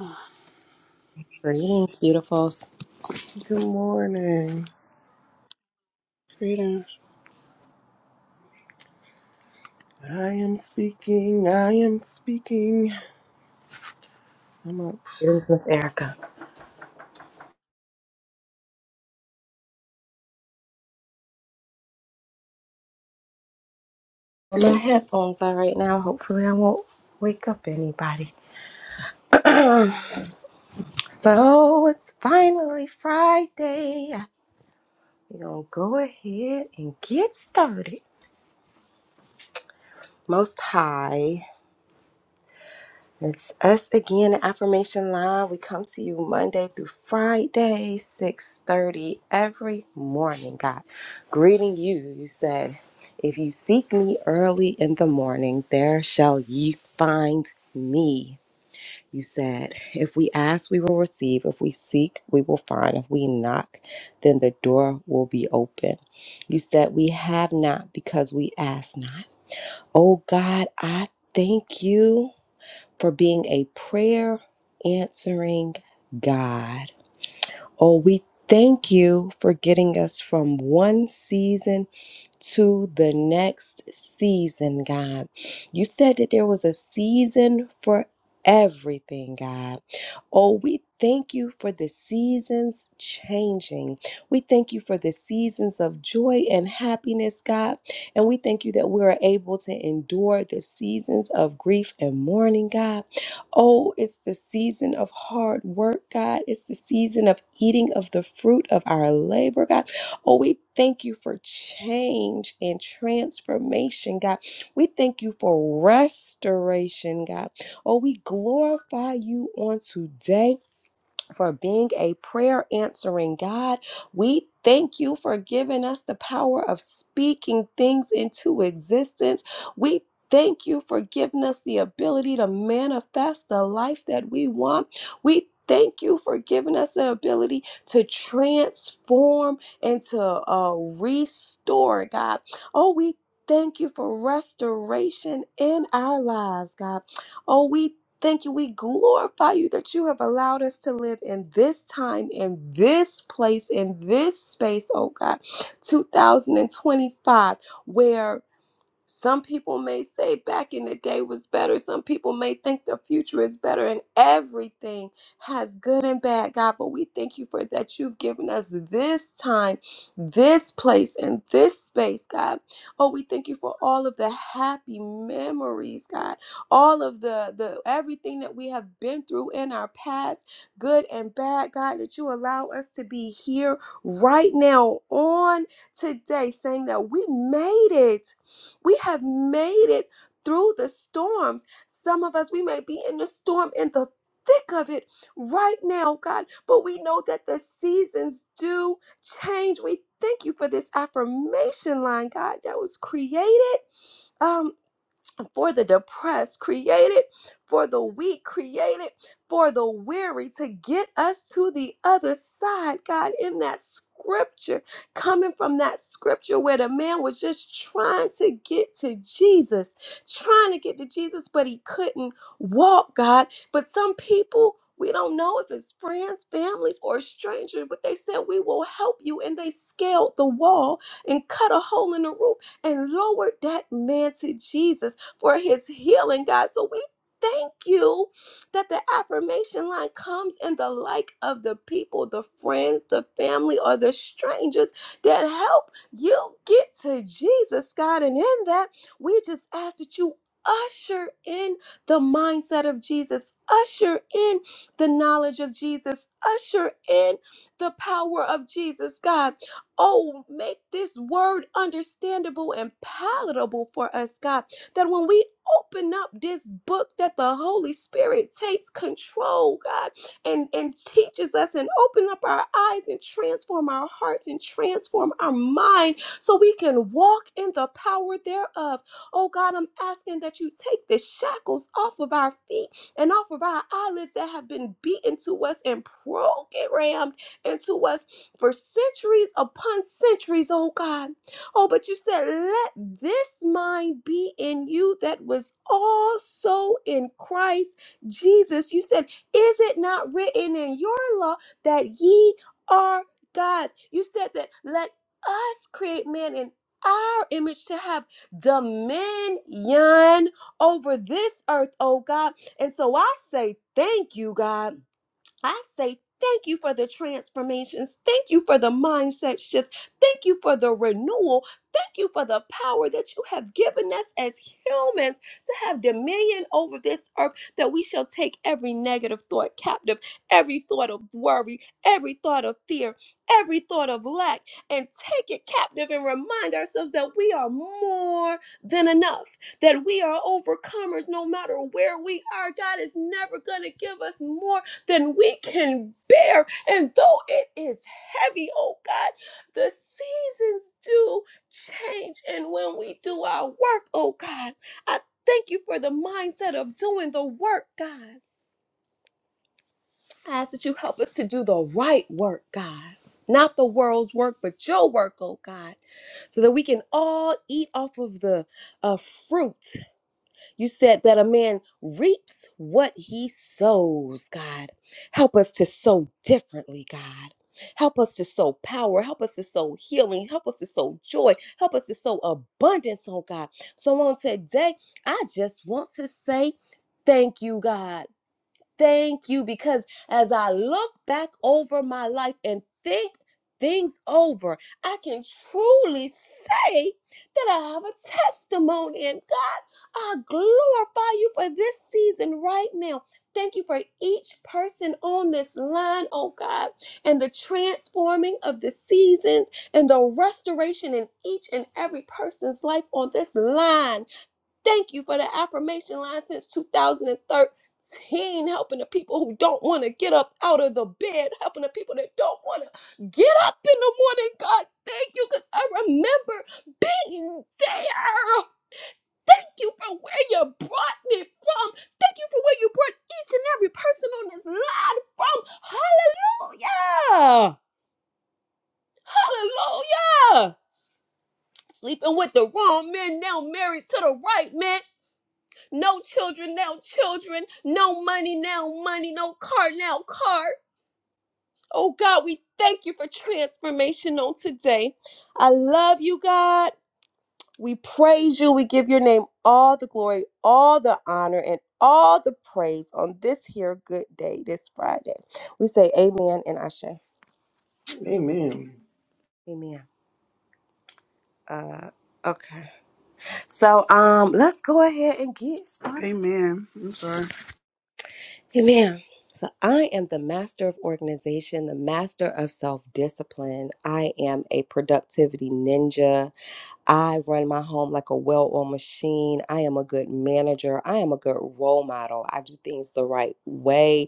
Ah, Greetings, beautifuls. Good morning. I am speaking. I am speaking. I'm up. Greetings, Miss Erica. On my headphones are right now. Hopefully, I won't wake up anybody. So it's finally Friday. We're gonna go ahead and get started. Most High, it's us again. at Affirmation Live. We come to you Monday through Friday, six thirty every morning. God, greeting you. You said, "If you seek me early in the morning, there shall ye find me." You said, If we ask, we will receive. If we seek, we will find. If we knock, then the door will be open. You said, We have not because we ask not. Oh God, I thank you for being a prayer answering God. Oh, we thank you for getting us from one season to the next season, God. You said that there was a season for everything, God. Oh, we thank you for the seasons changing. We thank you for the seasons of joy and happiness, God. And we thank you that we are able to endure the seasons of grief and mourning, God. Oh, it's the season of hard work, God. It's the season of eating of the fruit of our labor, God. Oh, we thank you for change and transformation, God. We thank you for restoration, God. Oh, we glorify you on today for being a prayer answering God. We thank you for giving us the power of speaking things into existence. We thank you for giving us the ability to manifest the life that we want. We thank you for giving us the ability to transform and to uh, restore, God. Oh, we Thank you for restoration in our lives, God. Oh, we Thank you. We glorify you that you have allowed us to live in this time, in this place, in this space, oh God. 2025, where some people may say back in the day was better. Some people may think the future is better, and everything has good and bad, God. But we thank you for that. You've given us this time, this place, and this space, God. Oh, we thank you for all of the happy memories, God. All of the the everything that we have been through in our past, good and bad, God. That you allow us to be here right now on today, saying that we made it we have made it through the storms. Some of us, we may be in the storm in the thick of it right now, God, but we know that the seasons do change. We thank you for this affirmation line, God, that was created. Um for the depressed, created for the weak, created for the weary to get us to the other side, God, in that scripture, coming from that scripture where the man was just trying to get to Jesus, trying to get to Jesus, but he couldn't walk, God. But some people, we don't know if it's friends, families, or strangers, but they said, We will help you. And they scaled the wall and cut a hole in the roof and lowered that man to Jesus for his healing, God. So we thank you that the affirmation line comes in the like of the people, the friends, the family, or the strangers that help you get to Jesus, God. And in that, we just ask that you usher in the mindset of Jesus, usher in the knowledge of Jesus, usher in the power of Jesus, God. Oh, make this word understandable and palatable for us, God that when we open up this book that the holy spirit takes control god and and teaches us and open up our eyes and transform our hearts and transform our mind so we can walk in the power thereof oh god i'm asking that you take the shackles off of our feet and off of our eyelids that have been beaten to us and programmed into us for centuries upon centuries oh god Oh, but you said, let this mind be in you that was also in Christ Jesus. You said, is it not written in your law that ye are gods? You said that let us create man in our image to have dominion over this earth, oh God. And so I say, thank you, God. I say thank you for the transformations. Thank you for the mindset shifts. Thank you for the renewal. Thank you for the power that you have given us as humans to have dominion over this earth, that we shall take every negative thought captive, every thought of worry, every thought of fear, every thought of lack, and take it captive and remind ourselves that we are more than enough that we are overcomers no matter where we are. God is never going to give us more than we can bear. And though it is heavy, oh God, the seasons do change. And when we do our work, oh God, I thank you for the mindset of doing the work, God. I ask that you help us to do the right work, God. Not the world's work, but your work, oh God, so that we can all eat off of the uh, fruit you said that a man reaps what he sows, God. Help us to sow differently, God. Help us to sow power. Help us to sow healing. Help us to sow joy. Help us to sow abundance, oh God. So on today, I just want to say thank you, God. Thank you because as I look back over my life and think things over, I can truly say that I have a testimony. And God, I glorify you for this season right now. Thank you for each person on this line, oh God, and the transforming of the seasons and the restoration in each and every person's life on this line. Thank you for the affirmation line since 2013, helping the people who don't want to get up out of the bed, helping the people that don't want to get up in the morning. God, thank you because I remember being there. Thank you for where you brought me from. Thank you for where you brought each and every person on this line from. Hallelujah. Hallelujah. Sleeping with the wrong man now married to the right man. No children, now children. No money, now money. No car, now car. Oh God, we thank you for transformation on today. I love you, God. We praise you. We give your name all the glory, all the honor, and all the praise on this here good day, this Friday. We say amen and Ashe. Amen. Amen. Uh, okay. So um, let's go ahead and get started. Amen. I'm sorry. Amen. So I am the master of organization, the master of self discipline. I am a productivity ninja. I run my home like a well oiled machine. I am a good manager. I am a good role model. I do things the right way.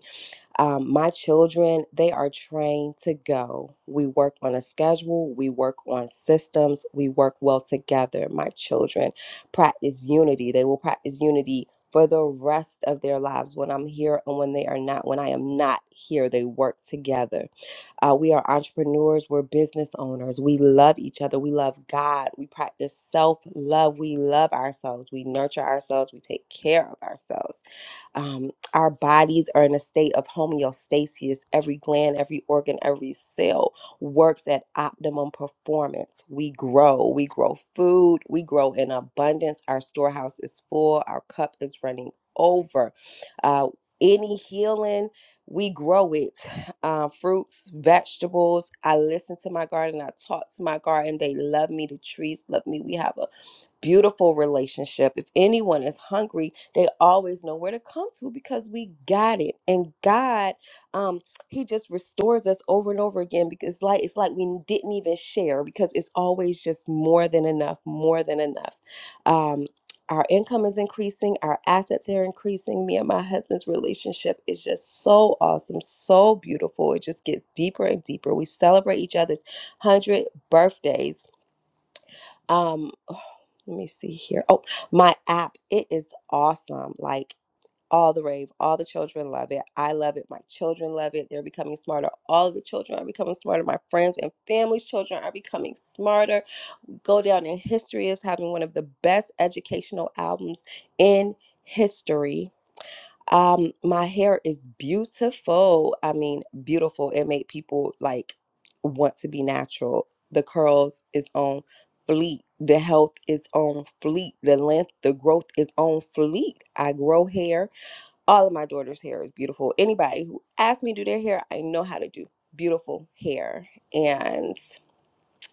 Um, my children, they are trained to go. We work on a schedule, we work on systems, we work well together. My children practice unity. They will practice unity for the rest of their lives when I'm here and when they are not. When I am not here, they work together. Uh, we are entrepreneurs, we're business owners. We love each other, we love God, we practice self love, we love ourselves, we nurture ourselves, we take care of ourselves um, our bodies are in a state of homeostasis. Every gland, every organ, every cell works at optimum performance. We grow. We grow food. We grow in abundance. Our storehouse is full. Our cup is running over. Uh, any healing, we grow it. Uh, fruits, vegetables. I listen to my garden. I talk to my garden. They love me. The trees love me. We have a beautiful relationship. If anyone is hungry, they always know where to come to because we got it. And God, um, He just restores us over and over again because it's like it's like we didn't even share because it's always just more than enough, more than enough. Um, our income is increasing, our assets are increasing. Me and my husband's relationship is just so awesome, so beautiful. It just gets deeper and deeper. We celebrate each other's 100 birthdays um oh, let me see here oh my app it is awesome like all the rave all the children love it i love it my children love it they're becoming smarter all of the children are becoming smarter my friends and family's children are becoming smarter go down in history as having one of the best educational albums in history um, my hair is beautiful. I mean, beautiful. It made people like want to be natural. The curls is on fleet. The health is on fleet. The length, the growth is on fleet. I grow hair. All of my daughter's hair is beautiful. Anybody who asks me to do their hair, I know how to do beautiful hair. And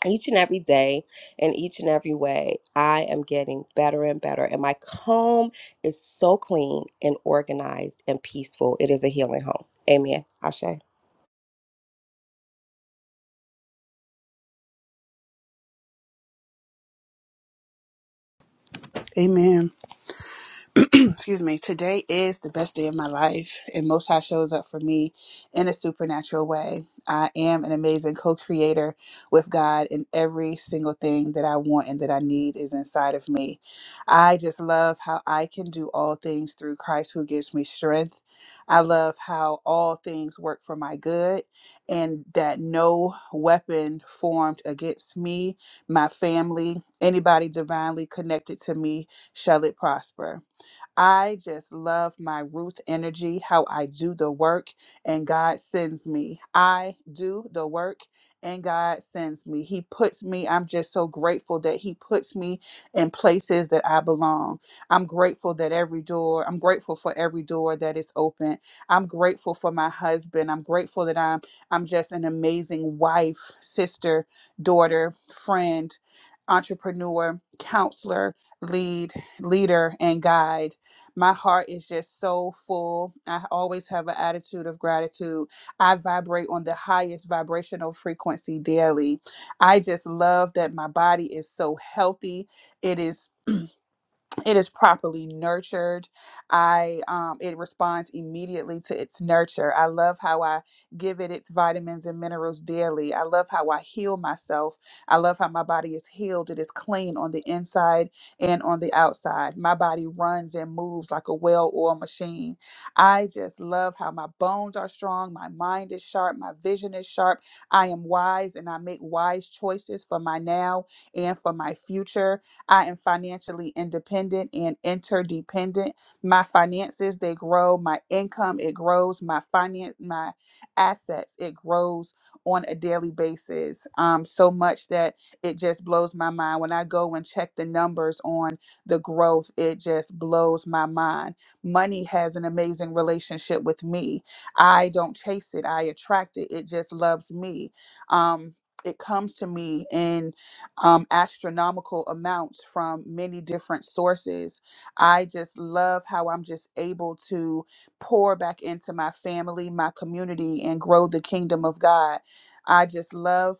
each and every day in each and every way i am getting better and better and my home is so clean and organized and peaceful it is a healing home amen ashe Amen. excuse me, today is the best day of my life, and Most High shows up for me in a supernatural way. I am an amazing co creator with God, and every single thing that I want and that I need is inside of me. I just love how I can do all things through Christ who gives me strength. I love how all things work for my good, and that no weapon formed against me, my family, anybody divinely connected to me, shall it prosper. I just love my Ruth energy, how I do the work and God sends me. I do the work and God sends me. He puts me, I'm just so grateful that He puts me in places that I belong. I'm grateful that every door, I'm grateful for every door that is open. I'm grateful for my husband. I'm grateful that I'm I'm just an amazing wife, sister, daughter, friend, entrepreneur, counselor, lead, leader, and guide. My heart is just so full. I always have an attitude of gratitude. I vibrate on the highest vibrational frequency daily. I just love that my body is so healthy. It is it is properly nurtured i um, it responds immediately to its nurture i love how i give it its vitamins and minerals daily i love how i heal myself i love how my body is healed it is clean on the inside and on the outside my body runs and moves like a well-oiled machine i just love how my bones are strong my mind is sharp my vision is sharp i am wise and i make wise choices for my now and for my future I am financially independent and interdependent. My finances, they grow. My income, it grows. My finance, my assets, it grows on a daily basis. Um, so much that it just blows my mind. When I go and check the numbers on the growth, it just blows my mind. Money has an amazing relationship with me. I don't chase it, I attract it. It just loves me. Um, it comes to me in um, astronomical amounts from many different sources. I just love how I'm just able to pour back into my family, my community, and grow the kingdom of God. I just love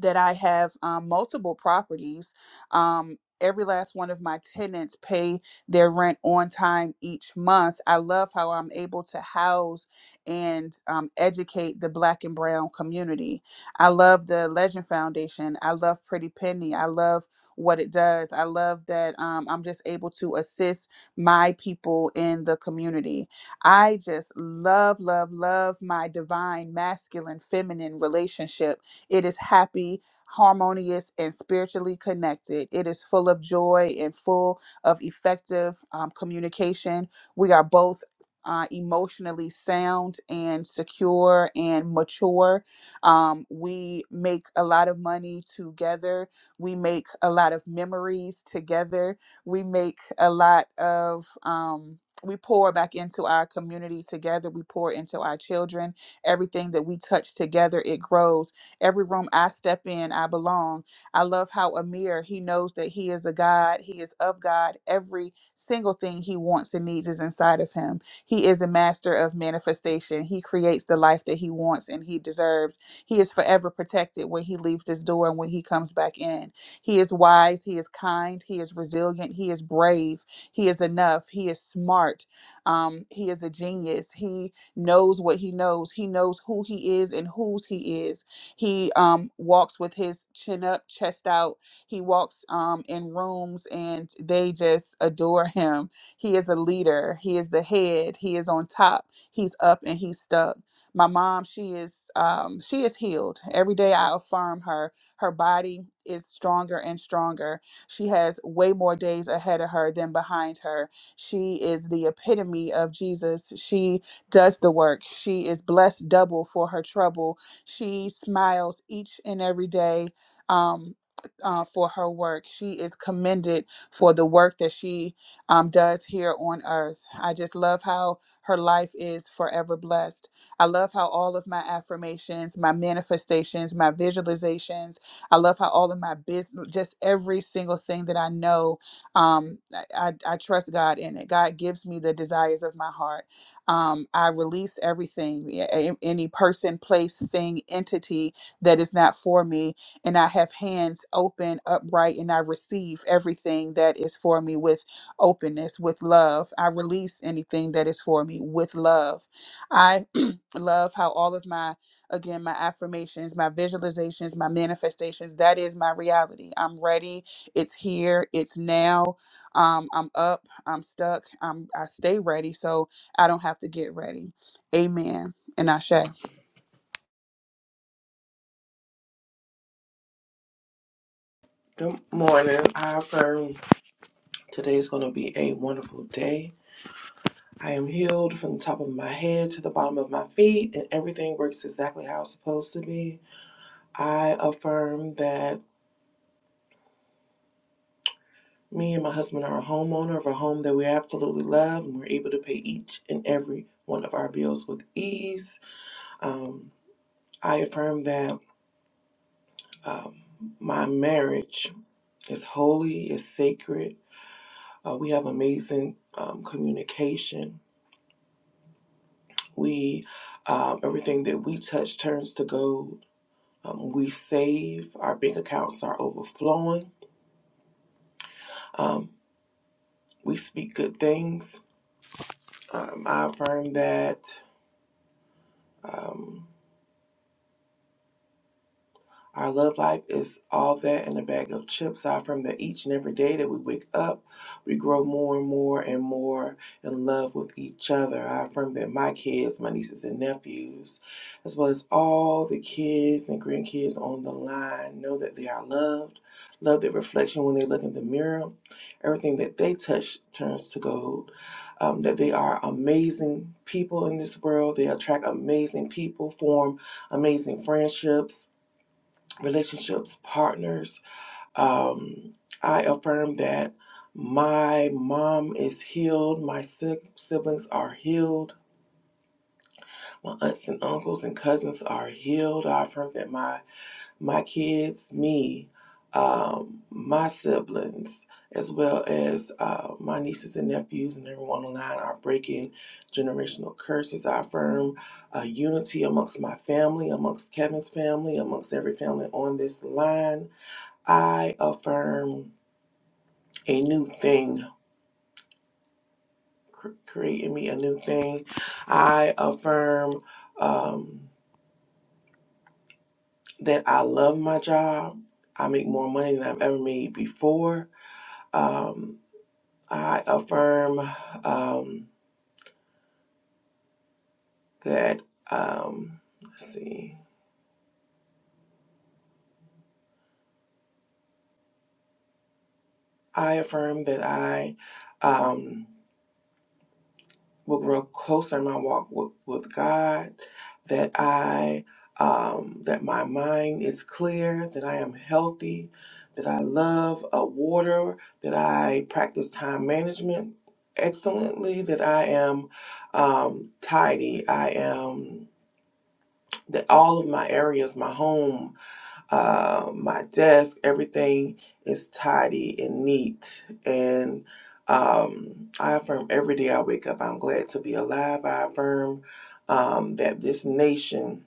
that I have um, multiple properties. Um, every last one of my tenants pay their rent on time each month. I love how I'm able to house and um, educate the Black and Brown community. I love the Legend Foundation. I love Pretty Penny. I love what it does. I love that um, I'm just able to assist my people in the community. I just love, love, love my divine masculine, feminine relationship it is happy, harmonious, and spiritually connected. It is full of joy and full of effective um, communication. We are both. Uh, emotionally sound and secure and mature. Um, we make a lot of money together. We make a lot of memories together. We make a lot of, um, we pour back into our community together. We pour into our children. Everything that we touch together, it grows Every room I step in, I belong. I love how Amir, he knows that he is a God, he is of God. Every single thing he wants and needs is inside of him. He is a master of manifestation. He creates the life that he wants and he deserves. He is forever protected when he leaves this door and when he comes back in. He is wise, he is kind, he is resilient, he is brave, he is enough, he is smart. Um, he is a genius. He knows what he knows. He knows who he is and whose he is he um, walks with his chin up, chest out. He walks um, in rooms and they just adore him. He is a leader. He is the head. He is on top. He's up and he's stuck. My mom, she is um, she is healed. Every day I affirm her. Her body is stronger and stronger. She has way more days ahead of her than behind her. She is the epitome of Jesus. She does the work. She is blessed double for her trouble she smiles each and every day um, uh, for her work. She is commended for the work that she um, does here on earth. I just love how her life is forever blessed. I love how all of my affirmations, my manifestations, my visualizations, I love how all of my business, just every single thing that I know, um, I, I, I trust God in it. God gives me the desires of my heart. Um, I release everything, yeah, a- any person, place, thing, entity that is not for me. And I have hands open, upright, and I receive everything that is for me with openness, with love. I release anything that is for me with love. I love how all of my again my affirmations my visualizations my manifestations that is my reality i'm ready it's here it's now um, i'm up i'm stuck I'm, i stay ready so I don't have to get ready. Amen. And Ashe. Good morning. I affirm today's going to be a wonderful day. I am healed from the top of my head to the bottom of my feet, and everything works exactly how it's supposed to be. I affirm that me and my husband are a homeowner of a home that we absolutely love, and we're able to pay each and every one of our bills with ease. Um, I affirm that. Um, my marriage is holy, is sacred. Uh, we have amazing um, communication. We um, everything that we touch turns to gold. Um, we save. Our bank accounts are overflowing. Um, we speak good things. Um, I affirm that. Um, Our love life is all that and a bag of chips. Are from the each and every day that we wake up, we grow more and more and more in love with each other. I affirm that my kids, my nieces and nephews, as well as all the kids and grandkids on the line, know that they are loved. Love their reflection when they look in the mirror. Everything that they touch turns to gold. Um, that they are amazing people in this world. They attract amazing people, form amazing friendships relationships, partners. Um, I affirm that my mom is healed, my si- siblings are healed, my aunts and uncles and cousins are healed. I affirm that my my kids, me, um, my siblings, as well as uh, my nieces and nephews and everyone online are breaking generational curses. I affirm uh, unity amongst my family, amongst Kevin's family, amongst every family on this line. I affirm a new thing, cr- create in me a new thing. I affirm um, that I love my job. I make more money than I've ever made before. Um, I affirm um, that, um, let's see, I affirm that I. Um, will grow closer in my walk with, with God, that I um, that my mind is clear, that I am healthy, that I love uh, water, that I practice time management excellently, that I am um, tidy, I am that all of my areas, my home, uh, my desk, everything is tidy and neat. And um, I affirm every day I wake up, I'm glad to be alive. I affirm um, that this nation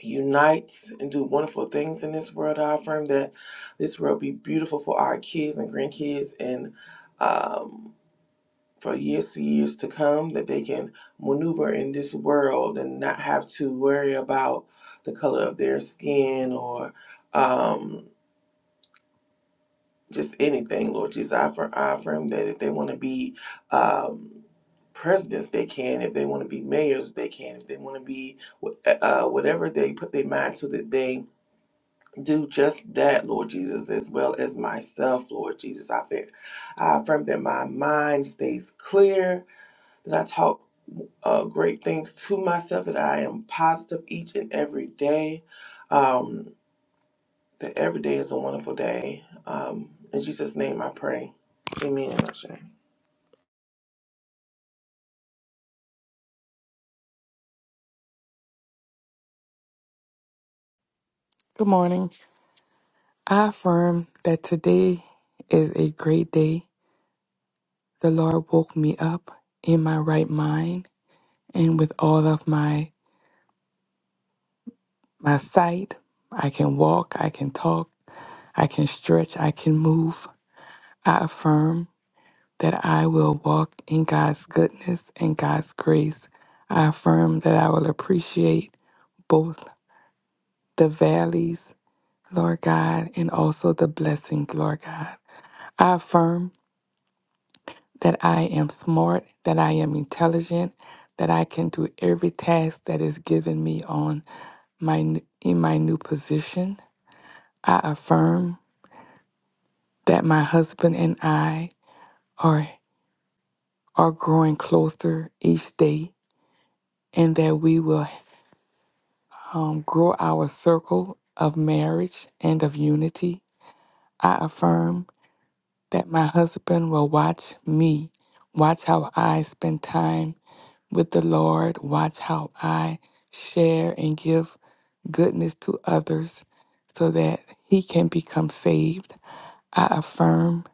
unites and do wonderful things in this world. I affirm that this world be beautiful for our kids and grandkids and um, for years to years to come, that they can maneuver in this world and not have to worry about the color of their skin or. Um, just anything, Lord Jesus. I affirm, I affirm that if they want to be um, presidents, they can. If they want to be mayors, they can. If they want to be uh, uh, whatever they put their mind to, that they do just that, Lord Jesus, as well as myself, Lord Jesus. I, affirm- I affirm that my mind stays clear, that I talk uh, great things to myself, that I am positive each and every day. Um, that every day is a wonderful day. Um, in Jesus' name I pray. Amen. Ashe. Good morning. I affirm that today is a great day. The Lord woke me up in my right mind and with all of my my sight. I can walk, I can talk, I can stretch, I can move. I affirm that I will walk in God's goodness and God's grace. I affirm that I will appreciate both the valleys, Lord God, and also the blessings, Lord God. I affirm that I am smart, that I am intelligent, that I can do every task that is given me on my n- in my new position. I affirm that my husband and I are are growing closer each day, and that we will um, grow our circle of marriage and of unity. I affirm that my husband will watch me, watch how I spend time with the Lord. Watch how I share and give goodness to others so that he can become saved. I affirm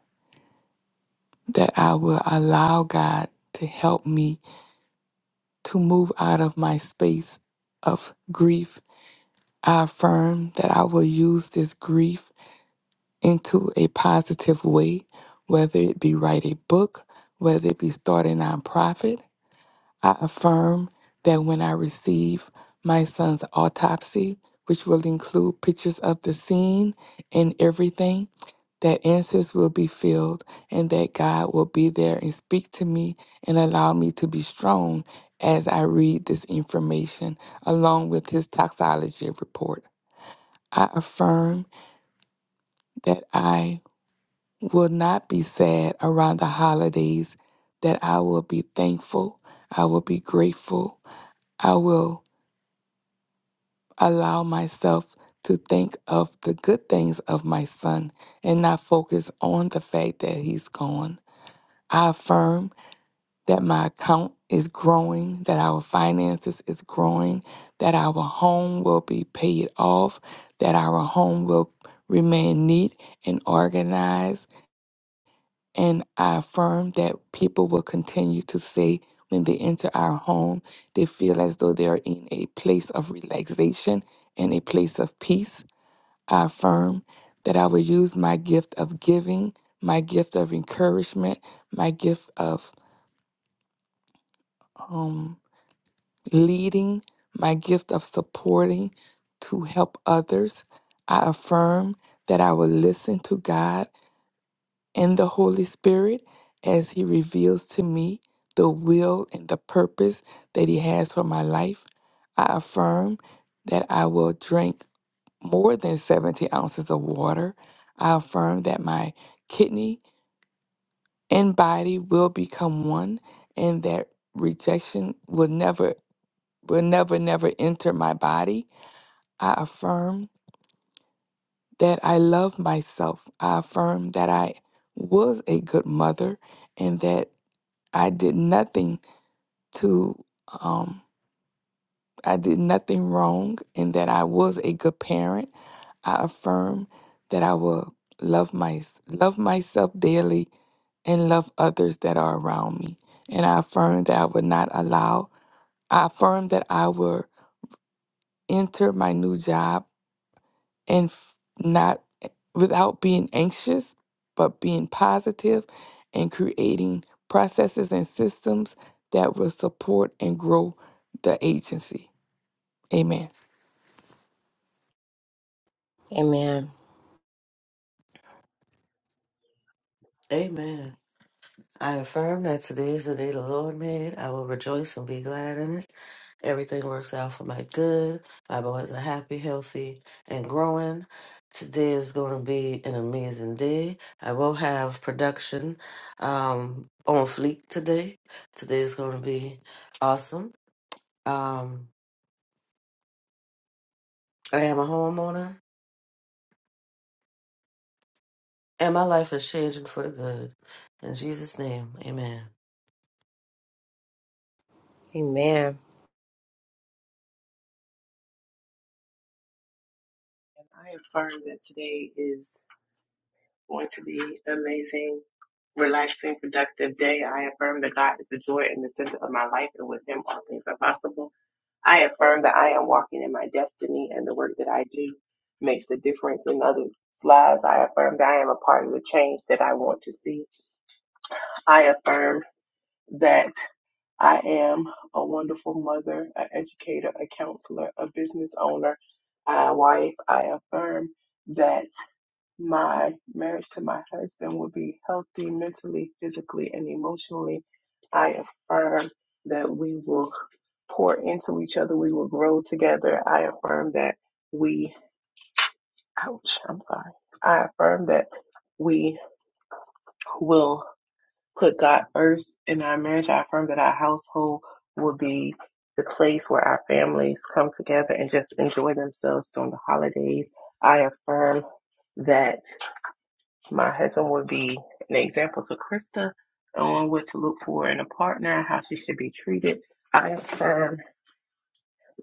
that I will allow God to help me to move out of my space of grief. I affirm that I will use this grief into a positive way, whether it be write a book, whether it be start a nonprofit, I affirm that when I receive my son's autopsy, which will include pictures of the scene and everything, that answers will be filled and that God will be there and speak to me and allow me to be strong as I read this information along with his toxicology report. I affirm that I will not be sad around the holidays, that I will be thankful, I will be grateful, I will. allow myself to think of the good things of my son and not focus on the fact that he's gone. I affirm that my account is growing, that our finances is growing, that our home will be paid off, that our home will remain neat and organized. And I affirm that people will continue to say when they enter our home, they feel as though they are in a place of relaxation and a place of peace. I affirm that I will use my gift of giving, my gift of encouragement, my gift of um, leading, my gift of supporting to help others. I affirm that I will listen to God and the Holy Spirit as He reveals to me the will and the purpose that He has for my life. I affirm that I will drink more than 70 ounces of water. I affirm that my kidney and body will become one and that rejection will never, will never, never enter my body. I affirm that I love myself. I affirm that I was a good mother and that I did nothing to, um, I did nothing wrong and that I was a good parent. I affirm that I will love my love myself daily and love others that are around me. And I affirm that I will not allow. I affirm that I will enter my new job and f- not without being anxious, but being positive and creating processes and systems that will support and grow the agency. Amen. Amen. Amen. I affirm that today is the day the Lord made. I will rejoice and be glad in it. Everything works out for my good. My boys are happy, healthy, and growing. Today is going to be an amazing day. I will have production um, on fleek today. Today is going to be awesome. Um, I am a homeowner, and my life is changing for the good. In Jesus' name, amen. Amen. And I affirm that today is going to be an amazing, relaxing, productive day. I affirm that God is the joy and the center of my life, and with Him, all things are possible. I affirm that I am walking in my destiny, and the work that I do makes a difference in others' lives. I affirm that I am a part of the change that I want to see. I affirm that. I am a wonderful mother, an educator, a counselor, a business owner, a wife. I affirm that. my marriage to my husband will be healthy mentally, physically, and emotionally. I affirm that we will pour into each other. We will grow together. I affirm that we, ouch, I'm sorry. I affirm that we will put God first in our marriage. I affirm that our household will be the place where our families come together and just enjoy themselves during the holidays. I affirm that My husband would be an example to Krista on what to look for in a partner and how she should be treated. I affirm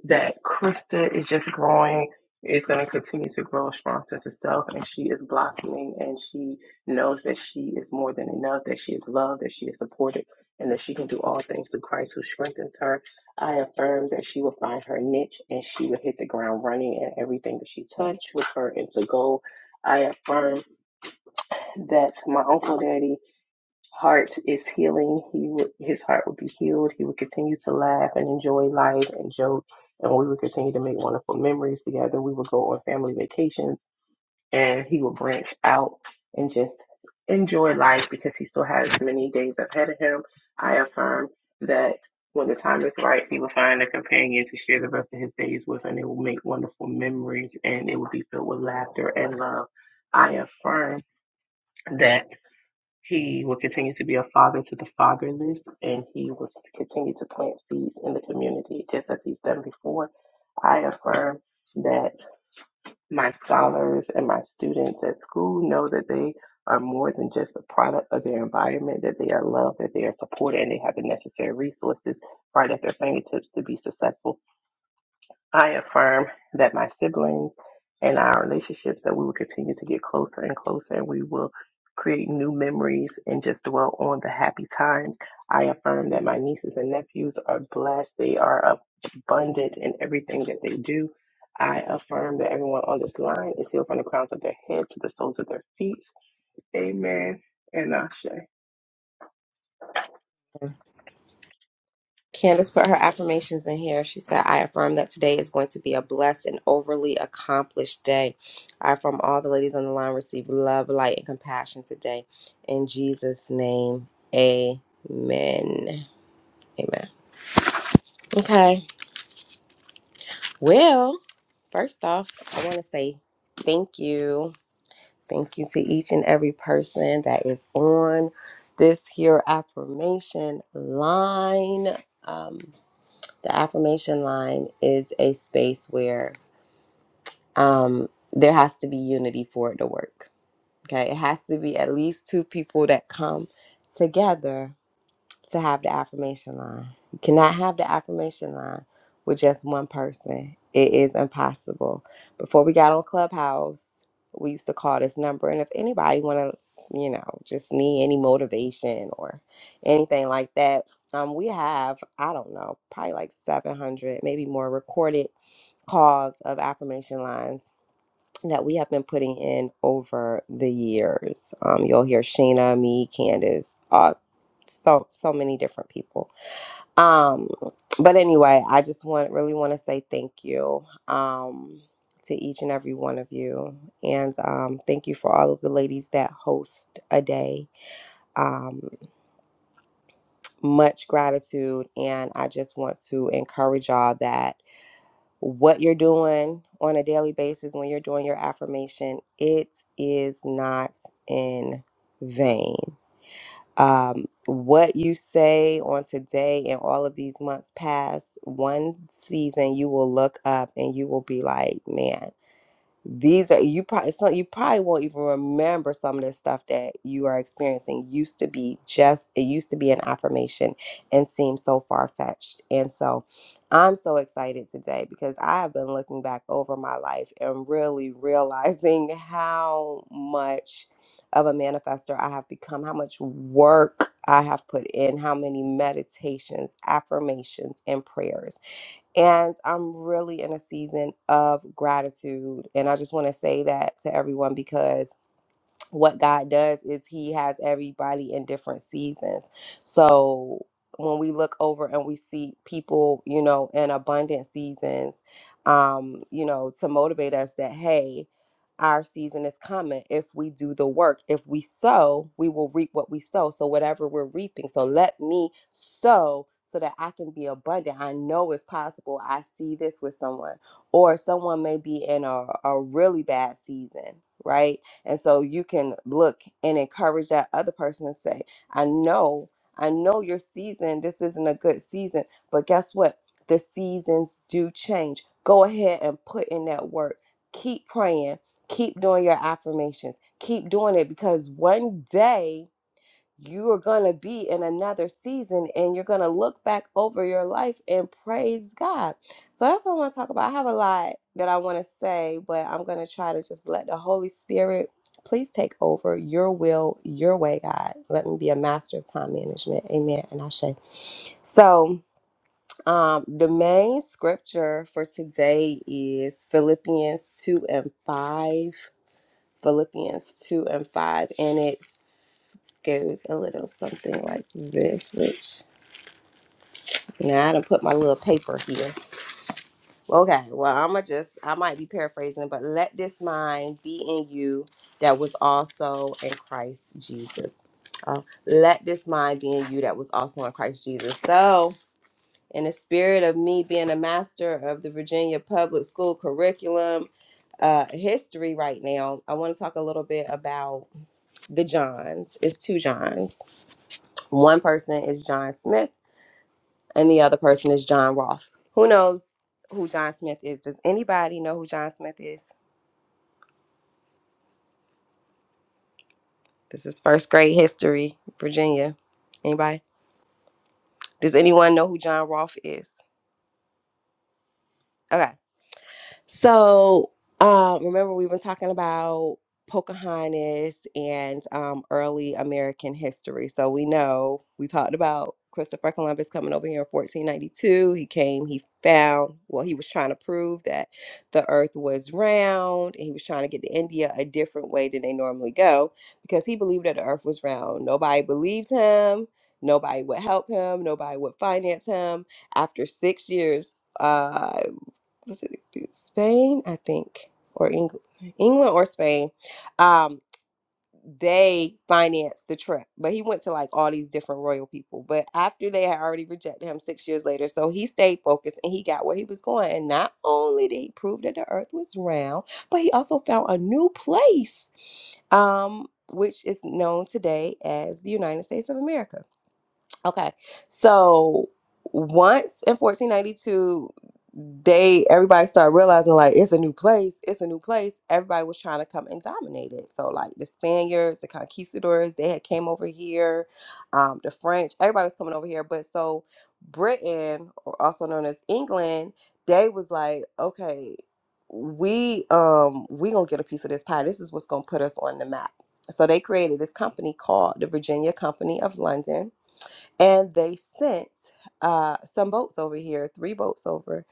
that Krista is just growing, is going to continue to grow a strong sense of self, and she is blossoming, and she knows that she is more than enough, that she is loved, that she is supported, and that she can do all things through Christ who strengthens her. I affirm that she will find her niche and she will hit the ground running, and everything that she touched will turn into gold. I affirm that my uncle daddy heart is healing. He would, his heart would be healed. He would continue to laugh and enjoy life and joke, and we would continue to make wonderful memories together. We would go on family vacations, and he would branch out and just enjoy life because he still has many days ahead of him. I affirm that when the time is right, he will find a companion to share the rest of his days with, and they will make wonderful memories, and it will be filled with laughter and love. I affirm that. He will continue to be a father to the fatherless, and he will s- continue to plant seeds in the community just as he's done before. I affirm that my scholars and my students at school know that they are more than just a product of their environment, that they are loved, that they are supported, and they have the necessary resources right at their fingertips to be successful I affirm that my siblings and our relationships that we will continue to get closer and closer and we will create new memories and just dwell on the happy times. I affirm that my nieces and nephews are blessed. They are abundant in everything that they do. I affirm that everyone on this line is healed from the crowns of their head to the soles of their feet. Amen and Ashe. Candace put her affirmations in here. She said, I affirm that today is going to be a blessed and overly accomplished day. I affirm all the ladies on the line receive love, light, and compassion today. In Jesus' name, amen. Amen. Okay. Well, first off, I want to say thank you. Thank you to each and every person that is on this here affirmation line. Um, The affirmation line is a space where um, there has to be unity for it to work. Okay, it has to be at least two people that come together to have the affirmation line. You cannot have the affirmation line with just one person. It is impossible. Before we got on Clubhouse, we used to call this number. And if anybody want to, you know, just need any motivation or anything like that, um, we have, I don't know, probably like 700, maybe more recorded calls of affirmation lines that we have been putting in over the years. Um, you'll hear Sheena, me, Candace, uh, so so many different people. Um, but anyway, I just want really want to say thank you um, to each and every one of you, and um, thank you for all of the ladies that host a day. Um, much gratitude, and I just want to encourage y'all that what you're doing on a daily basis when you're doing your affirmation, it is not in vain. Um, what you say on today and all of these months past, one season you will look up and you will be like, man, these are you probably some you probably won't even remember some of the stuff that you are experiencing used to be just it used to be an affirmation and seemed so far-fetched and so i'm so excited today because i have been looking back over my life and really realizing how much of a manifester i have become how much work i have put in how many meditations affirmations and prayers and I'm really in a season of gratitude. And I just want to say that to everyone because what God does is He has everybody in different seasons. So when we look over and we see people, you know, in abundant seasons, um, you know, to motivate us that, hey, our season is coming if we do the work. If we sow, we will reap what we sow. So, whatever we're reaping, so let me sow so that I can be abundant. I know it's possible. I see this with someone, or someone may be in a, a really bad season, right? And so you can look and encourage that other person and say, I know, I know your season, this isn't a good season, but guess what? The seasons do change. Go ahead and put in that work. Keep praying. Keep doing your affirmations. Keep doing it because one day you are going to be in another season and you're going to look back over your life and praise God. So that's what I want to talk about. I have a lot that I want to say, but I'm going to try to just let the Holy Spirit please take over your will, your way, God. Let me be a master of time management. Amen. And I say. So, um, the main scripture for today is Philippians 2 and 5. Philippians 2 and 5, and it goes a little something like this, which now I done put my little paper here. Okay, well, I'm gonna just, I might be paraphrasing, but let this mind be in you that was also in Christ Jesus. Uh, let this mind be in you that was also in Christ Jesus. So, in the spirit of me being a master of the Virginia public school curriculum uh, history right now, I want to talk a little bit about the Johns. It's two Johns. One person is John Smith, and the other person is John Rolfe. Who knows who John Smith is? Does anybody know who John Smith is? This is first grade history, Virginia. Anybody? Does anyone know who John Rolfe is? Okay. So, um, remember we've been talking about Pocahontas and um, early American history. So we know we talked about Christopher Columbus coming over here in 1492. He came, he found, well, he was trying to prove that the earth was round and he was trying to get to India a different way than they normally go because he believed that the earth was round. Nobody believed him. Nobody would help him. Nobody would finance him. After six years, uh, was it Spain, I think, or England, England or Spain. Um, they financed the trip, but he went to like all these different royal people. But after they had already rejected him six years later, so he stayed focused and he got where he was going. And not only did he prove that the Earth was round, but he also found a new place, um, which is known today as the United States of America. Okay. So once in 1492, they everybody started realizing like it's a new place, it's a new place. Everybody was trying to come and dominate it. So like the Spaniards, the conquistadors, they had came over here. Um, the French, everybody was coming over here. But so Britain, or also known as England, they was like, okay, we um we gonna get a piece of this pie. This is what's gonna put us on the map. So they created this company called the Virginia Company of London and they sent uh, some boats over here, three boats over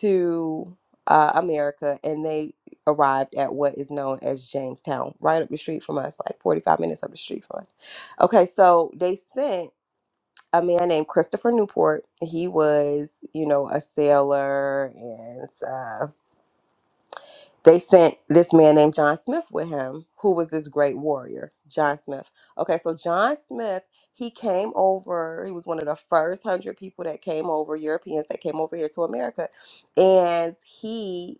to uh, America, and they arrived at what is known as Jamestown, right up the street from us, like 45 minutes up the street from us. Okay, so they sent a man named Christopher Newport. He was, you know, a sailor and. uh, they sent this man named John Smith with him, who was this great warrior, John Smith. Okay, so John Smith, he came over, he was one of the first hundred people that came over, Europeans that came over here to America. And he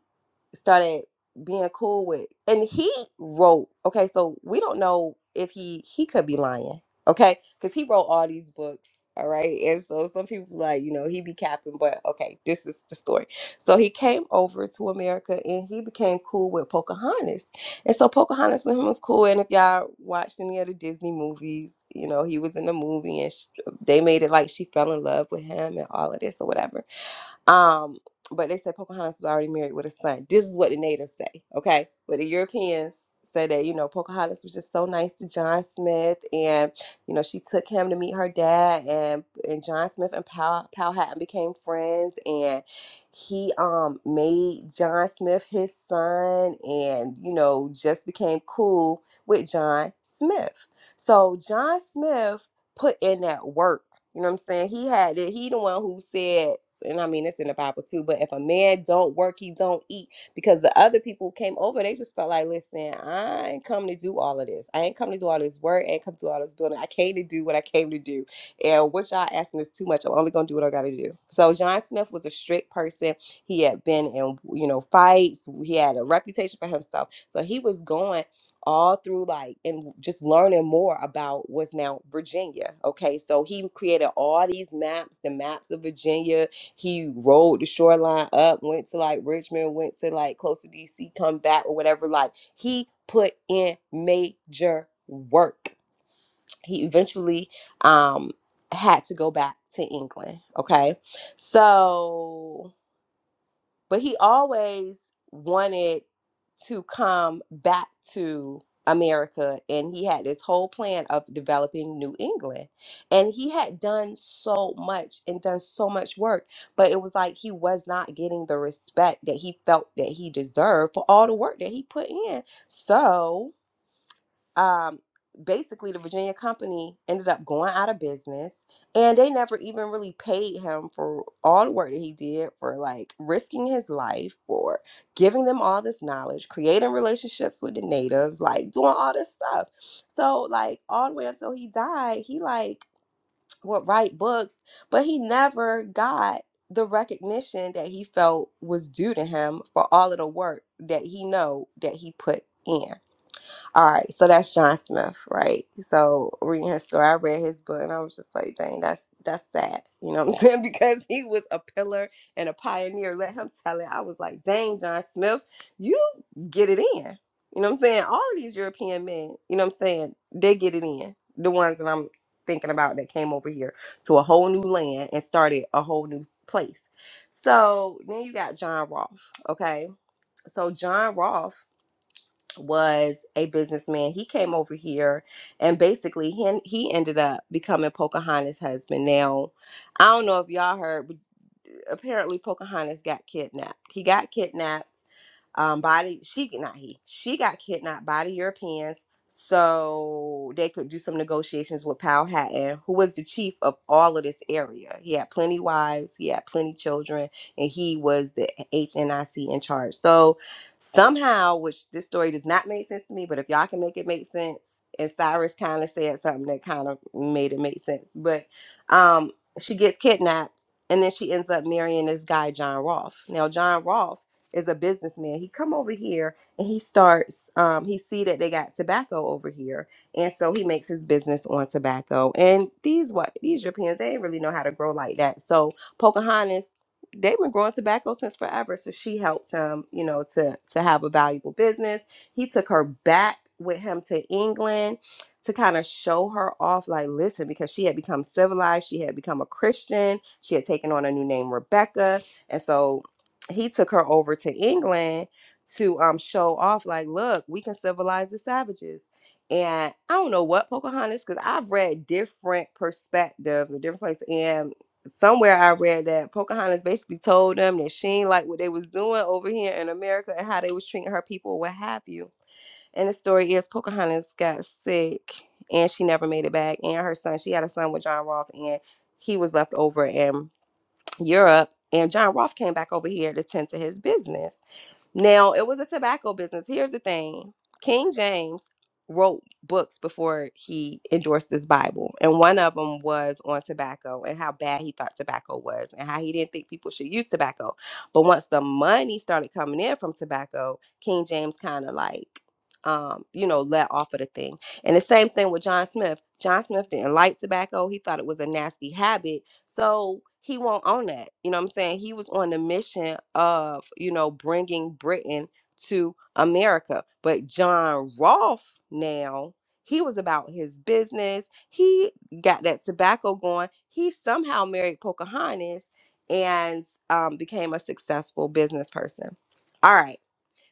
started being cool with and he wrote okay so we don't know if he he could be lying okay because he wrote all these books all right and so some people like you know he be capping but okay this is the story so he came over to america and he became cool with pocahontas and so pocahontas with him was cool and if y'all watched any of the disney movies you know he was in the movie and sh they made it like she fell in love with him and all of this or whatever um, but they said Pocahontas was already married with a son. This is what the natives say, okay? But the Europeans say that, you know, Pocahontas was just so nice to John Smith and, you know, she took him to meet her dad and and John Smith and Powell, Powhatan became friends and he um made John Smith his son and, you know, just became cool with John Smith. So John Smith put in that work. You know what I'm saying? He had it. He the one who said and I mean it's in the Bible too, but if a man don't work, he don't eat. Because the other people who came over, they just felt like, listen, I ain't come to do all of this. I ain't come to do all this work. I ain't come to do all this building. I came to do what I came to do. And what y'all asking is too much. I'm only gonna do what I gotta do. So John Smith was a strict person. He had been in, you know, fights. He had a reputation for himself. So he was going all through like and just learning more about what's now Virginia. Okay. So he created all these maps, the maps of Virginia, he rode the shoreline up, went to like Richmond, went to like close to DC, come back or whatever. Like he put in major work. He eventually um had to go back to England. Okay. So but he always wanted to come back to America and he had this whole plan of developing New England. And he had done so much and done so much work, but it was like he was not getting the respect that he felt that he deserved for all the work that he put in. So, um, basically the Virginia company ended up going out of business and they never even really paid him for all the work that he did for like risking his life for giving them all this knowledge, creating relationships with the natives, like doing all this stuff. So like all the way until he died, he like would write books, but he never got the recognition that he felt was due to him for all of the work that he know that he put in. All right, so that's John Smith, right? So reading his story, I read his book, and I was just like, "Dang, that's that's sad." You know what I'm saying? Because he was a pillar and a pioneer. Let him tell it. I was like, "Dang, John Smith, you get it in." You know what I'm saying? All of these European men, you know what I'm saying? They get it in. The ones that I'm thinking about that came over here to a whole new land and started a whole new place. So then you got John Rolfe, okay? So John Rolfe was a businessman. He came over here and basically he, he ended up becoming Pocahontas' husband. Now, I don't know if y'all heard, but uh, apparently Pocahontas got kidnapped. He got kidnapped um, by the, she, not he, she got kidnapped by the Europeans so they could do some negotiations with Powhatan, who was the chief of all of this area. He had plenty wives, he had plenty children, and he was the HNIC in charge. So Somehow, which this story does not make sense to me, but if y'all can make it make sense, and Cyrus kind of said something that kind of made it make sense. But um, she gets kidnapped and then she ends up marrying this guy, John Rolfe. Now, John Rolfe is a businessman. He come over here and he starts um, he see that they got tobacco over here and so he makes his business on tobacco and these what these europeans they didn't really know how to grow like that so pocahontas they've been growing tobacco since forever. So she helped him, you know, to to have a valuable business. He took her back with him to England to kind of show her off, like, listen, because she had become civilized, she had become a Christian, she had taken on a new name, Rebecca. And so he took her over to England to um show off, like, look, we can civilize the savages. And I don't know what Pocahontas, because I've read different perspectives or different places. and somewhere I read that Pocahontas basically told them that she ain't like what they was doing over here in America and how they was treating her people, what have you. And the story is Pocahontas got sick and she never made it back. And her son, she had a son with John Rolfe, and he was left over. and. Europe, and John Roth came back over here to tend to his business. Now, it was a tobacco business. Here's the thing King James wrote books before he endorsed this Bible, and one of them was on tobacco and how bad he thought tobacco was and how he didn't think people should use tobacco. But once the money started coming in from tobacco, King James kind of like, um, you know, let off of the thing. And the same thing with John Smith. John Smith didn't like tobacco. He thought it was a nasty habit so he won't own that. You know what I'm saying? He was on the mission of, you know, bringing Britain to America. But John Rolfe now, he was about his business. He got that tobacco going. He somehow married Pocahontas and um, became a successful business person. All right.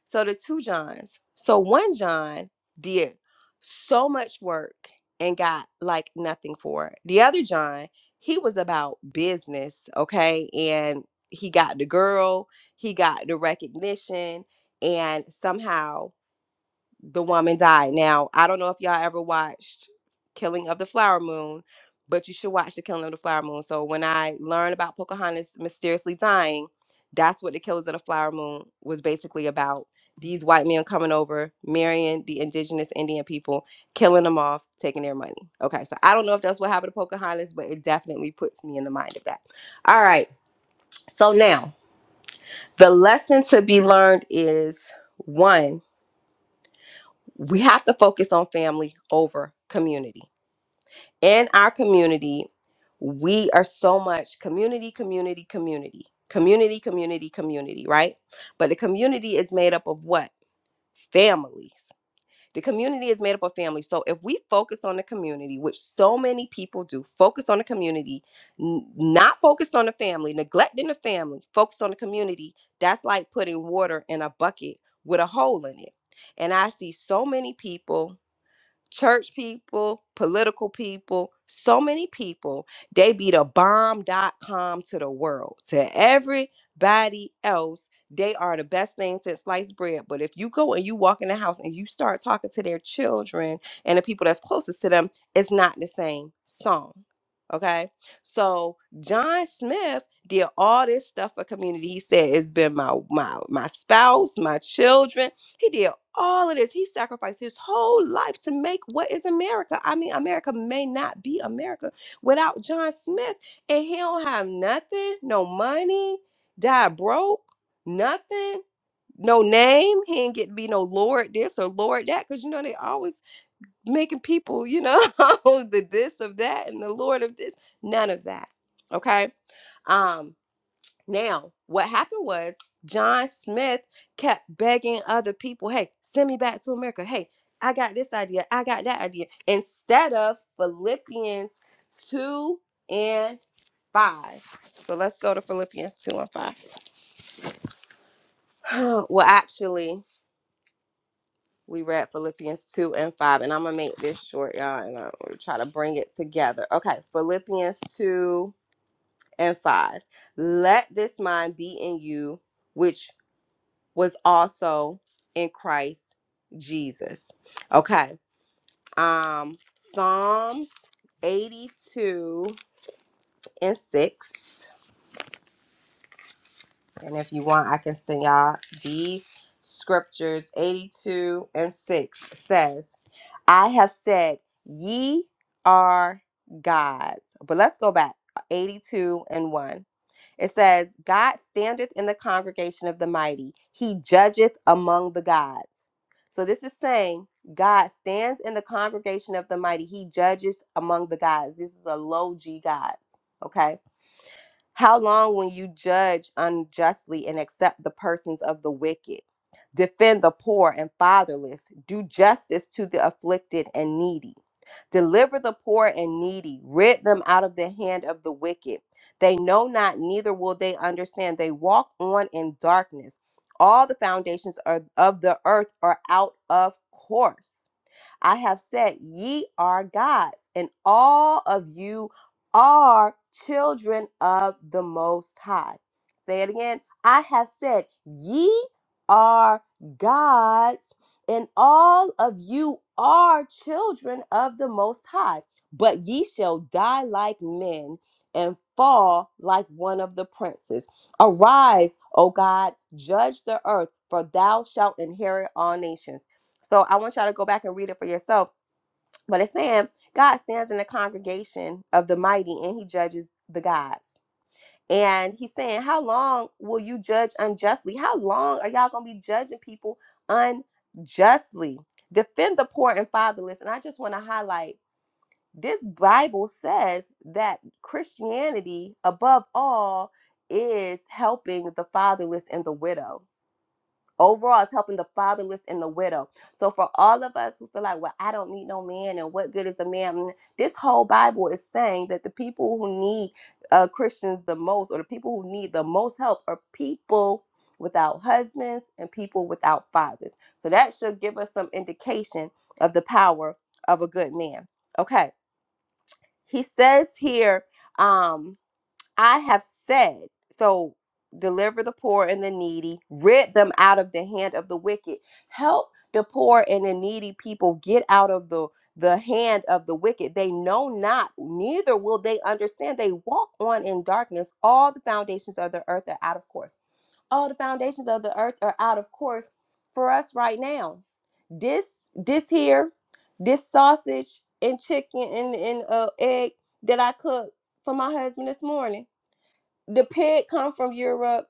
So the two Johns. So one John did so much work and got like nothing for it. The other John, he was about business, okay? And he got the girl, he got the recognition, and somehow the woman died. Now, I don't know if y'all ever watched Killing of the Flower Moon, but you should watch The Killing of the Flower Moon. So when I learned about Pocahontas mysteriously dying, that's what The Killers of the Flower Moon was basically about. These white men coming over, marrying the indigenous Indian people, killing them off, taking their money. Okay, so I don't know if that's what happened to Pocahontas, but it definitely puts me in the mind of that. All right, so now the lesson to be learned is one we have to focus on family over community. In our community, we are so much community, community, community, community, community, community, right? But the community is made up of what? Families. The community is made up of families. So if we focus on the community, which so many people do, focus on the community, n- not focused on the family, neglecting the family, focus on the community, that's like putting water in a bucket with a hole in it. And I see so many people church people, political people, so many people, they be the bomb dot com to the world. To everybody else, they are the best thing since sliced bread. But if you go and you walk in the house and you start talking to their children and the people that's closest to them, it's not the same song. Okay. So John Smith did all this stuff for community. He said it's been my my my spouse, my children. He did all of this. He sacrificed his whole life to make what is America. I mean, America may not be America without John Smith, and he don't have nothing, no money, died broke, nothing, no name. He ain't get to be no Lord this or Lord that, because you know they always making people, you know, the this of that and the Lord of this. None of that. Okay. Um, now, what happened was John Smith kept begging other people, hey, send me back to America. Hey, I got this idea. I got that idea. Instead of Philippians 2 and 5. So let's go to Philippians 2 and 5. well, actually, we read Philippians 2 and 5, and I'm going to make this short, y'all, and I'm going to try to bring it together. Okay, Philippians 2 and 5. Let this mind be in you, which was also in Christ Jesus. Okay. Um Psalms 82 and 6. And if you want, I can send y'all these scriptures. 82 and 6 says, I have said, Ye are gods. But let's go back. 82 and 1. It says, God standeth in the congregation of the mighty, he judgeth among the gods. So this is saying God stands in the congregation of the mighty, he judges among the gods. This is a low G gods. Okay. How long when you judge unjustly and accept the persons of the wicked? Defend the poor and fatherless. Do justice to the afflicted and needy. Deliver the poor and needy. Rid them out of the hand of the wicked. They know not, neither will they understand. They walk on in darkness. All the foundations are, of the earth are out of course. I have said, Ye are gods, and all of you are children of the Most High. Say it again. I have said, Ye are gods, and all of you are children of the Most High. But ye shall die like men and fall like one of the princes. Arise, O God, judge the earth, for thou shalt inherit all nations. So I want y'all to go back and read it for yourself. But it's saying God stands in the congregation of the mighty and he judges the gods. And he's saying, How long will you judge unjustly? How long are y'all going to be judging people unjustly? Defend the poor and fatherless. And I just want to highlight this Bible says that Christianity, above all, is helping the fatherless and the widow Overall, it's helping the fatherless and the widow. So, for all of us who feel like, well, I don't need no man, and what good is a man? Mm, This whole Bible is saying that the people who need uh, Christians the most, or the people who need the most help, are people without husbands and people without fathers. So, that should give us some indication of the power of a good man. Okay. He says here, um, I have said, so deliver the poor and the needy, rid them out of the hand of the wicked. Help the poor and the needy people get out of the the hand of the wicked. They know not, neither will they understand. They walk on in darkness. All the foundations of the earth are out of course. All the foundations of the earth are out of course for us right now. This this here, this sausage and chicken and, and uh, egg that I cooked for my husband this morning the pig come from Europe,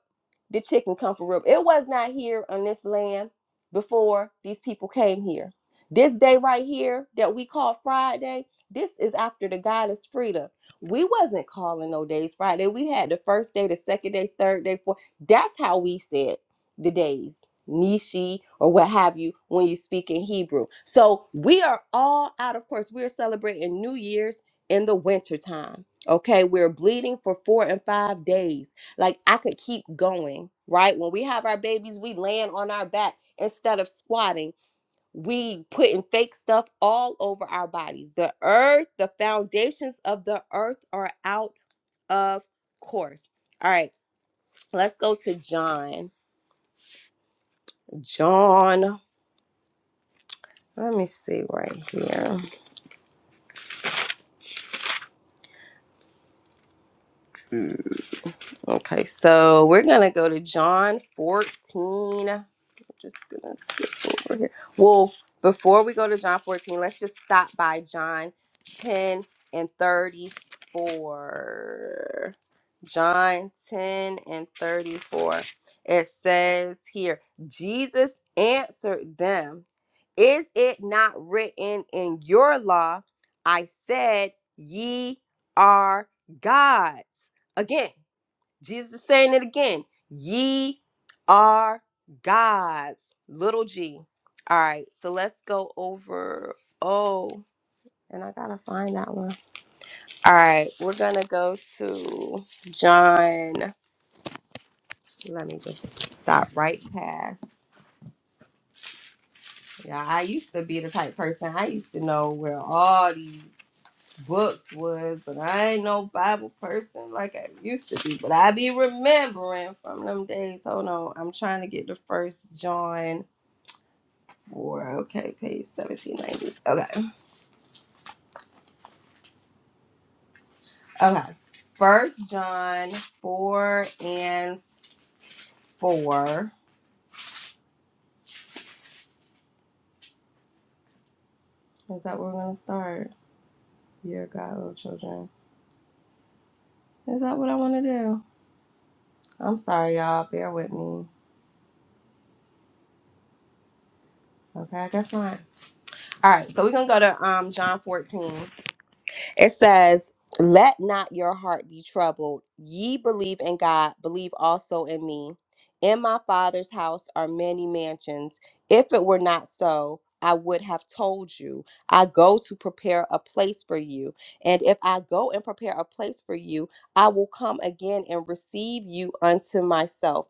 the chicken come from Europe. It was not here on this land before these people came here. This day right here that we call Friday, this is after the goddess Frida. We wasn't calling no days Friday. We had the first day, the second day, third day, fourth. That's how we said the days, Nishi or what have you, when you speak in Hebrew. So we are all out of course. We are celebrating New Year's in the wintertime Okay, we're bleeding for four and five days. Like I could keep going, right? When we have our babies, we land on our back instead of squatting. We putting fake stuff all over our bodies. The earth, the foundations of the earth are out of course. All right, let's go to John. John, let me see right here. Okay, so we're gonna go to John 14. I'm just gonna skip over here. Well, before we go to John 14, let's just stop by John 10 and 34. John 10 and 34. It says here, Jesus answered them, Is it not written in your law? I said, Ye are gods. Again, Jesus is saying it again. Ye are gods. Little g. All right. So let's go over. Oh, and I got to find that one. All right. We're going to go to John. Let me just stop right past. Yeah, I used to be the type person. I used to know where all these books was, but I ain't no Bible person like I used to be. But I be remembering from them days. Hold on, I'm trying to get the first John four. Okay, page seventeen ninety. Okay, okay. First John four and four. Is that where we're gonna start? Dear God, little children. Is that what I want to do? I'm sorry, y'all. Bear with me. Okay, I guess not. All right, so we're gonna go to um John 14. It says, Let not your heart be troubled. Ye believe in God, believe also in me. In my Father's house are many mansions. If it were not so, I would have told you. I go to prepare a place for you. And if I go and prepare a place for you, I will come again and receive you unto myself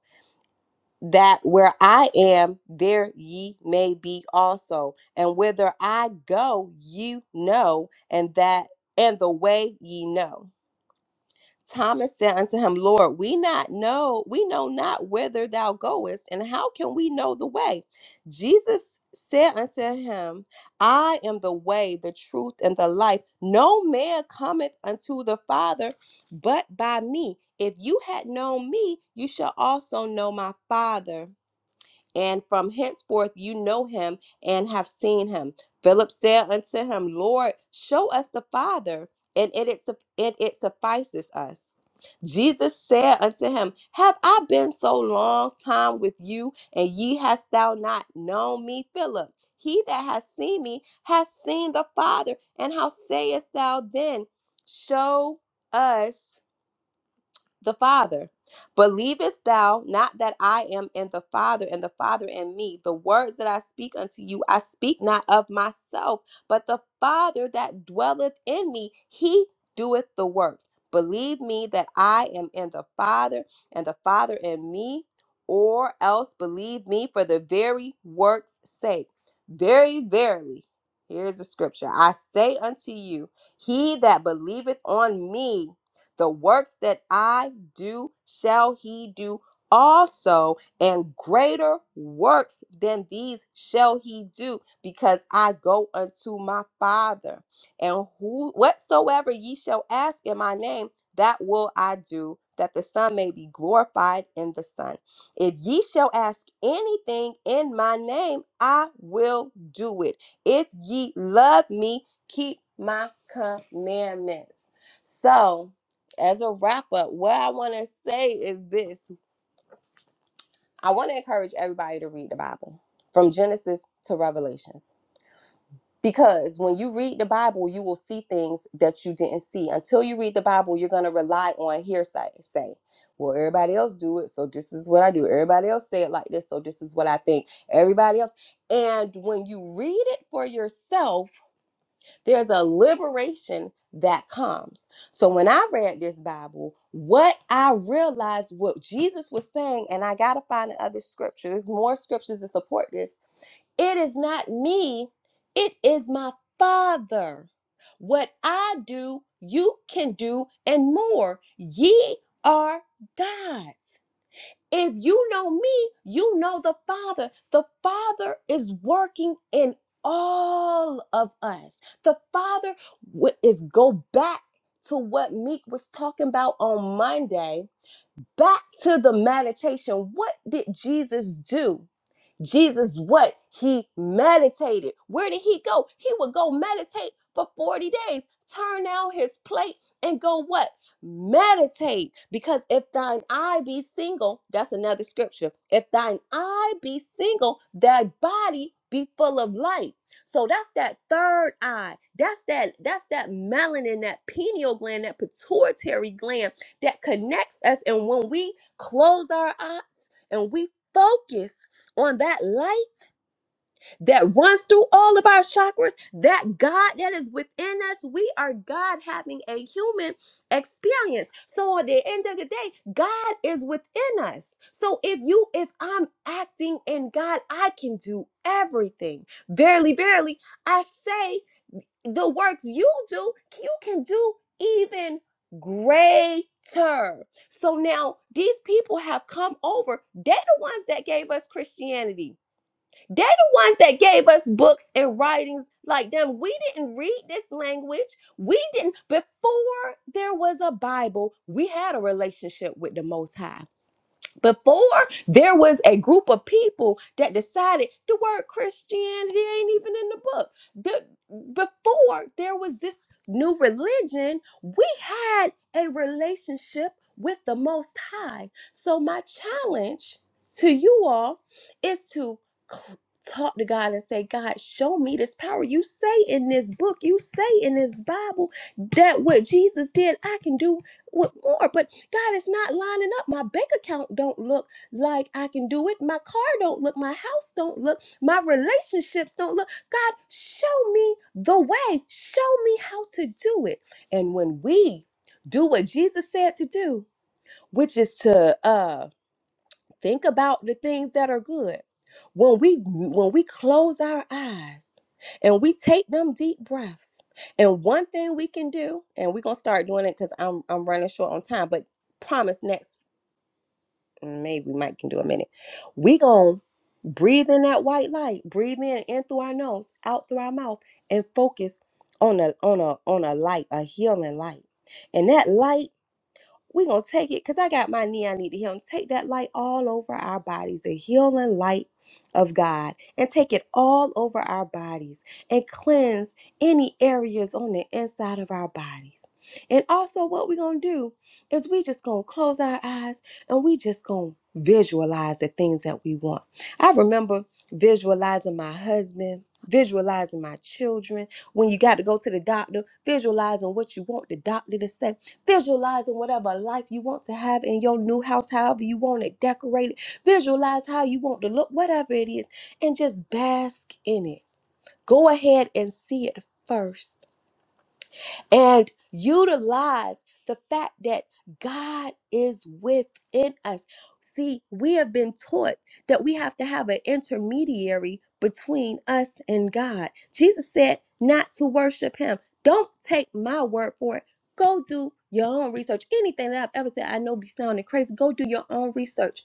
that where I am, there ye may be also. And whither I go, you know, and that and the way ye know. Thomas said unto him, Lord, we not know, we know not whither thou goest, and how can we know the way? Jesus said unto him, I am the way, the truth, and the life. No man cometh unto the Father but by me. If you had known me, you shall also know my Father and from henceforth you know him and have seen him. Philip said unto him, Lord, show us the Father, and it, is suff- and it suffices us. Jesus said unto him, Have I been so long time with you, and ye hast thou not known me, Philip? He that hath seen me hath seen the Father. And how sayest thou then, Show us the Father. Believest thou not that I am in the Father, and the Father in me? The words that I speak unto you, I speak not of myself, but the Father that dwelleth in me, he doeth the works. Believe me that I am in the Father, and the Father in me, or else believe me for the very works' sake. Very verily, here's the scripture I say unto you, he that believeth on me, the works that I do shall he do also, and greater works than these shall he do, because I go unto my Father. And who whatsoever ye shall ask in my name, that will I do, that the Son may be glorified in the Son. If ye shall ask anything in my name, I will do it. If ye love me, keep my commandments. So, as a wrap up, what I want to say is this I want to encourage everybody to read the Bible from Genesis to Revelations. Because when you read the Bible, you will see things that you didn't see. Until you read the Bible, you're going to rely on hearsay. Say, well, everybody else do it, so this is what I do. Everybody else say it like this, so this is what I think. Everybody else. And when you read it for yourself, There's a liberation that comes. So when I read this Bible, what I realized what Jesus was saying, and I gotta find the other scripture. There's more scriptures to support this. It is not me, it is my father. What I do, you can do, and more. Ye are gods. If you know me, you know the Father. The Father is working in all of us. The Father wi- is go back to what Meek was talking about on Monday back to the meditation. What did Jesus do? Jesus, what? He meditated. Where did he go? He would go meditate for 40 days, turn out his plate and go what? Meditate. Because if thine eye be single, that's another scripture. If thine eye be single, thy body be full of light. So that's that third eye. That's that that's that melanin, that pineal gland, that pituitary gland that connects us. And when we close our eyes and we focus on that light that runs through all of our chakras, that God that is within us, we are God having a human experience. So at the end of the day, God is within us. So if you, if I'm acting in God, I can do everything. Verily, verily, I say the works you do, you can do even greater. So now these people have come over. They're the ones that gave us Christianity. They're the ones that gave us books and writings like them. We didn't read this language. We didn't. Before there was a Bible, we had a relationship with the Most High before there was a group of people that decided the word christianity ain't even in the book the, before there was this new religion we had a relationship with the most high so my challenge to you all is to cl- talk to god and say god show me this power you say in this book you say in this bible that what jesus did i can do with more but god it's not lining up my bank account don't look like i can do it my car don't look my house don't look my relationships don't look god show me the way show me how to do it and when we do what jesus said to do which is to uh think about the things that are good when we when we close our eyes and we take them deep breaths and one thing we can do and we're gonna start doing it because i'm i'm running short on time but promise next mm, maybe we might can do a minute we gonna breathe in that white light breathe in in through our nose out through our mouth and focus on a on a on a light a healing light and that light we gonna take it because I got my knee I need to heal and take that light all over our bodies, the healing light of God, and take it all over our bodies and cleanse any areas on the inside of our bodies. And also what we gonna do is we just gonna close our eyes and we just gonna visualize the things that we want. I remember visualizing my husband, visualizing my children. When you got to go to the doctor, visualizing what you want the doctor to say Visualizing whatever life you want to have in your new house, however you want it decorated. Visualize how you want to look, whatever it is, and just bask in it. Go ahead and see it first and utilize the fact that God is within us. See, we have been taught that we have to have an intermediary between us and God. Jesus said not to worship him. Don't take my word for it. Go do your own research. Anything that I've ever said, I know be sounding crazy. Go do your own research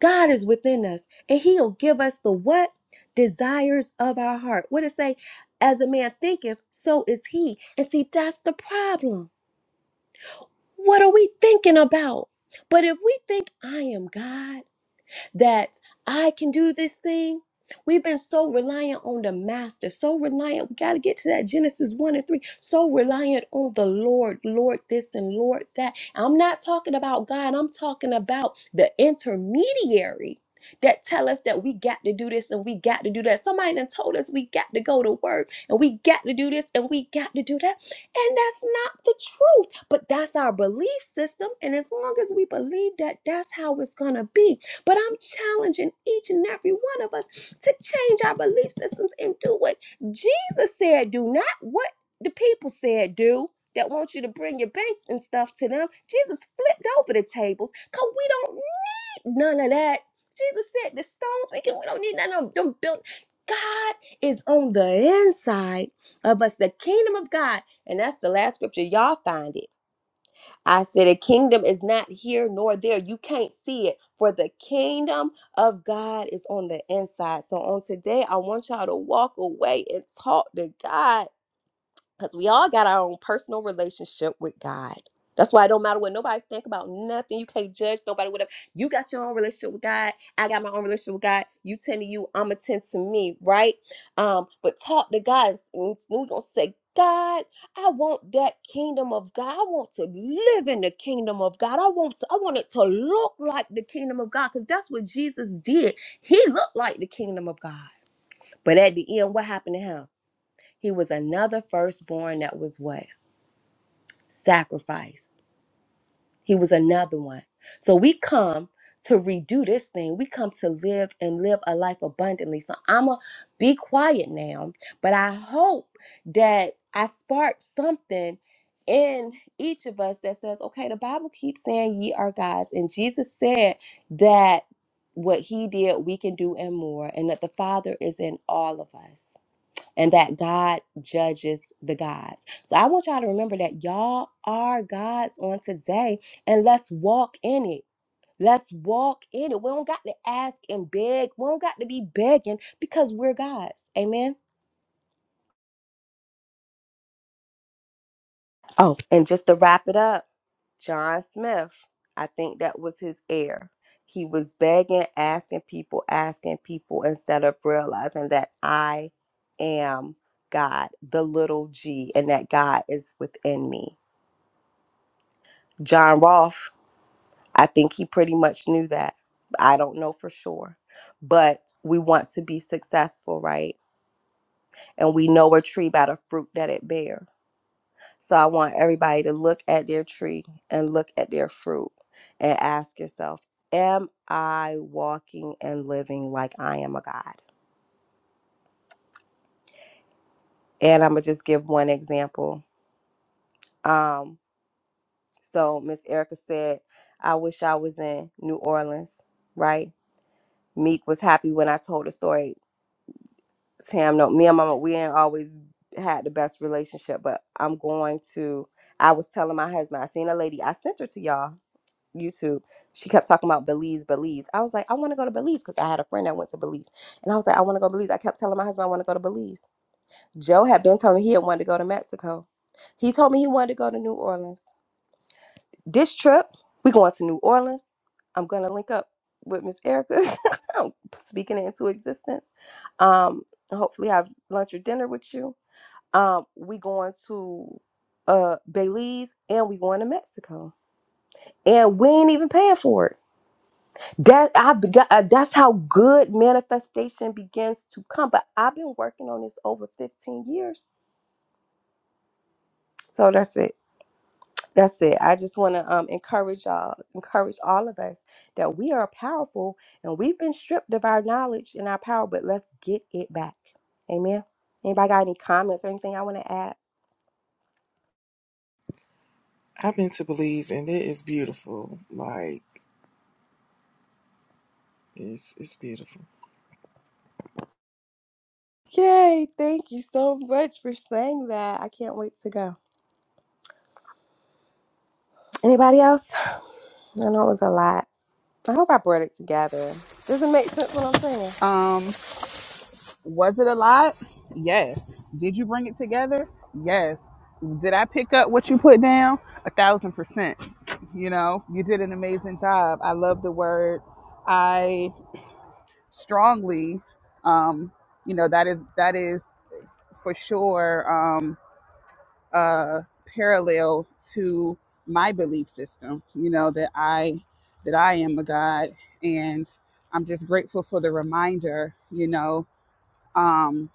God is within us and he'll give us the what? Desires of our heart. What it say? As a man thinketh, so is he. And see, that's the problem. What are we thinking about? But if we think I am God, that I can do this thing. We've been so reliant on the master, so reliant. We got to get to that Genesis 1 and 3. So reliant on the Lord, Lord this and Lord that. I'm not talking about God, I'm talking about the intermediary that tell us that we got to do this and we got to do that. Somebody done told us we got to go to work and we got to do this and we got to do that. And that's not the truth, but that's our belief system. And as long as we believe that, that's how it's going to be. But I'm challenging each and every one of us to change our belief systems and do what Jesus said do, not what the people said do that want you to bring your bank and stuff to them. Jesus flipped over the tables because we don't need none of that. Jesus said the stones we can we don't need none of them built. God is on the inside of us, the kingdom of God. And that's the last scripture. Y'all find it. I said, a kingdom is not here nor there. You can't see it, for the kingdom of God is on the inside. So on today, I want y'all to walk away and talk to God because we all got our own personal relationship with God. That's why it don't matter what nobody think about nothing. You can't judge nobody. Whatever you got your own relationship with God, I got my own relationship with God. You tend to you, I'm attend to me, right? Um, but talk to God. We're gonna say, God, I want that kingdom of God. I want to live in the kingdom of God. I want to, I want it to look like the kingdom of God because that's what Jesus did. He looked like the kingdom of God. But at the end, what happened to him? He was another firstborn that was what? Sacrificed. He was another one. So we come to redo this thing. We come to live and live a life abundantly. So I'm going to be quiet now, but I hope that I sparked something in each of us that says, okay, the Bible keeps saying ye are gods. And Jesus said that what he did, we can do and more, and that the Father is in all of us and that God judges the gods. So I want y'all to remember that y'all are gods on today and let's walk in it. Let's walk in it. We don't got to ask and beg. We don't got to be begging because we're gods. Amen. Oh, and just to wrap it up, John Smith, I think that was his heir. He was begging, asking people, asking people instead of realizing that I am God, the little g, and that God is within me. John Rolfe, I think he pretty much knew that. I don't know for sure, but we want to be successful, right? And we know a tree by the fruit that it bear. So I want everybody to look at their tree and look at their fruit and ask yourself, am I walking and living like I am a God? And I'm going to just give one example. Um, so Miss Erica said, I wish I was in New Orleans, right? Meek was happy when I told the story Tam, no, me and Mama, we ain't always had the best relationship, but I'm going to. I was telling my husband, I seen a lady, I sent her to y'all YouTube. She kept talking about Belize, Belize. I was like, I want to go to Belize because I had a friend that went to Belize, and I was like, I want to go to Belize. I kept telling my husband I want to go to Belize. Joe had been telling me he had wanted to go to Mexico. He told me he wanted to go to New Orleans. This trip, we going to New Orleans. I'm gonna link up with Miss Erica. speaking it into existence. Um, and hopefully have lunch or dinner with you. Um, we going to uh Belize and we going to Mexico. And we ain't even paying for it. That I begot, uh, that's how good manifestation begins to come. But I've been working on this over 15 years. So that's it. That's it. I just want to um, encourage y'all, encourage all of us that we are powerful and we've been stripped of our knowledge and our power, but let's get it back. Amen. Anybody got any comments or anything I want to add? I've been to Belize and it is beautiful. Like it's it's beautiful. Yay. Thank you so much for saying that. I can't wait to go. Anybody else? I know it was a lot. I hope I brought it together. Does it make sense what I'm saying? Um, was it a lot? Yes. Did you bring it together? Yes. Did I pick up what you put down? A thousand percent. You know, you did an amazing job. I love the word. I strongly, um, you know, that is that is for sure. Um, uh, parallel to my belief system. You know that I that I am a God, and I'm just grateful for the reminder. You know, um,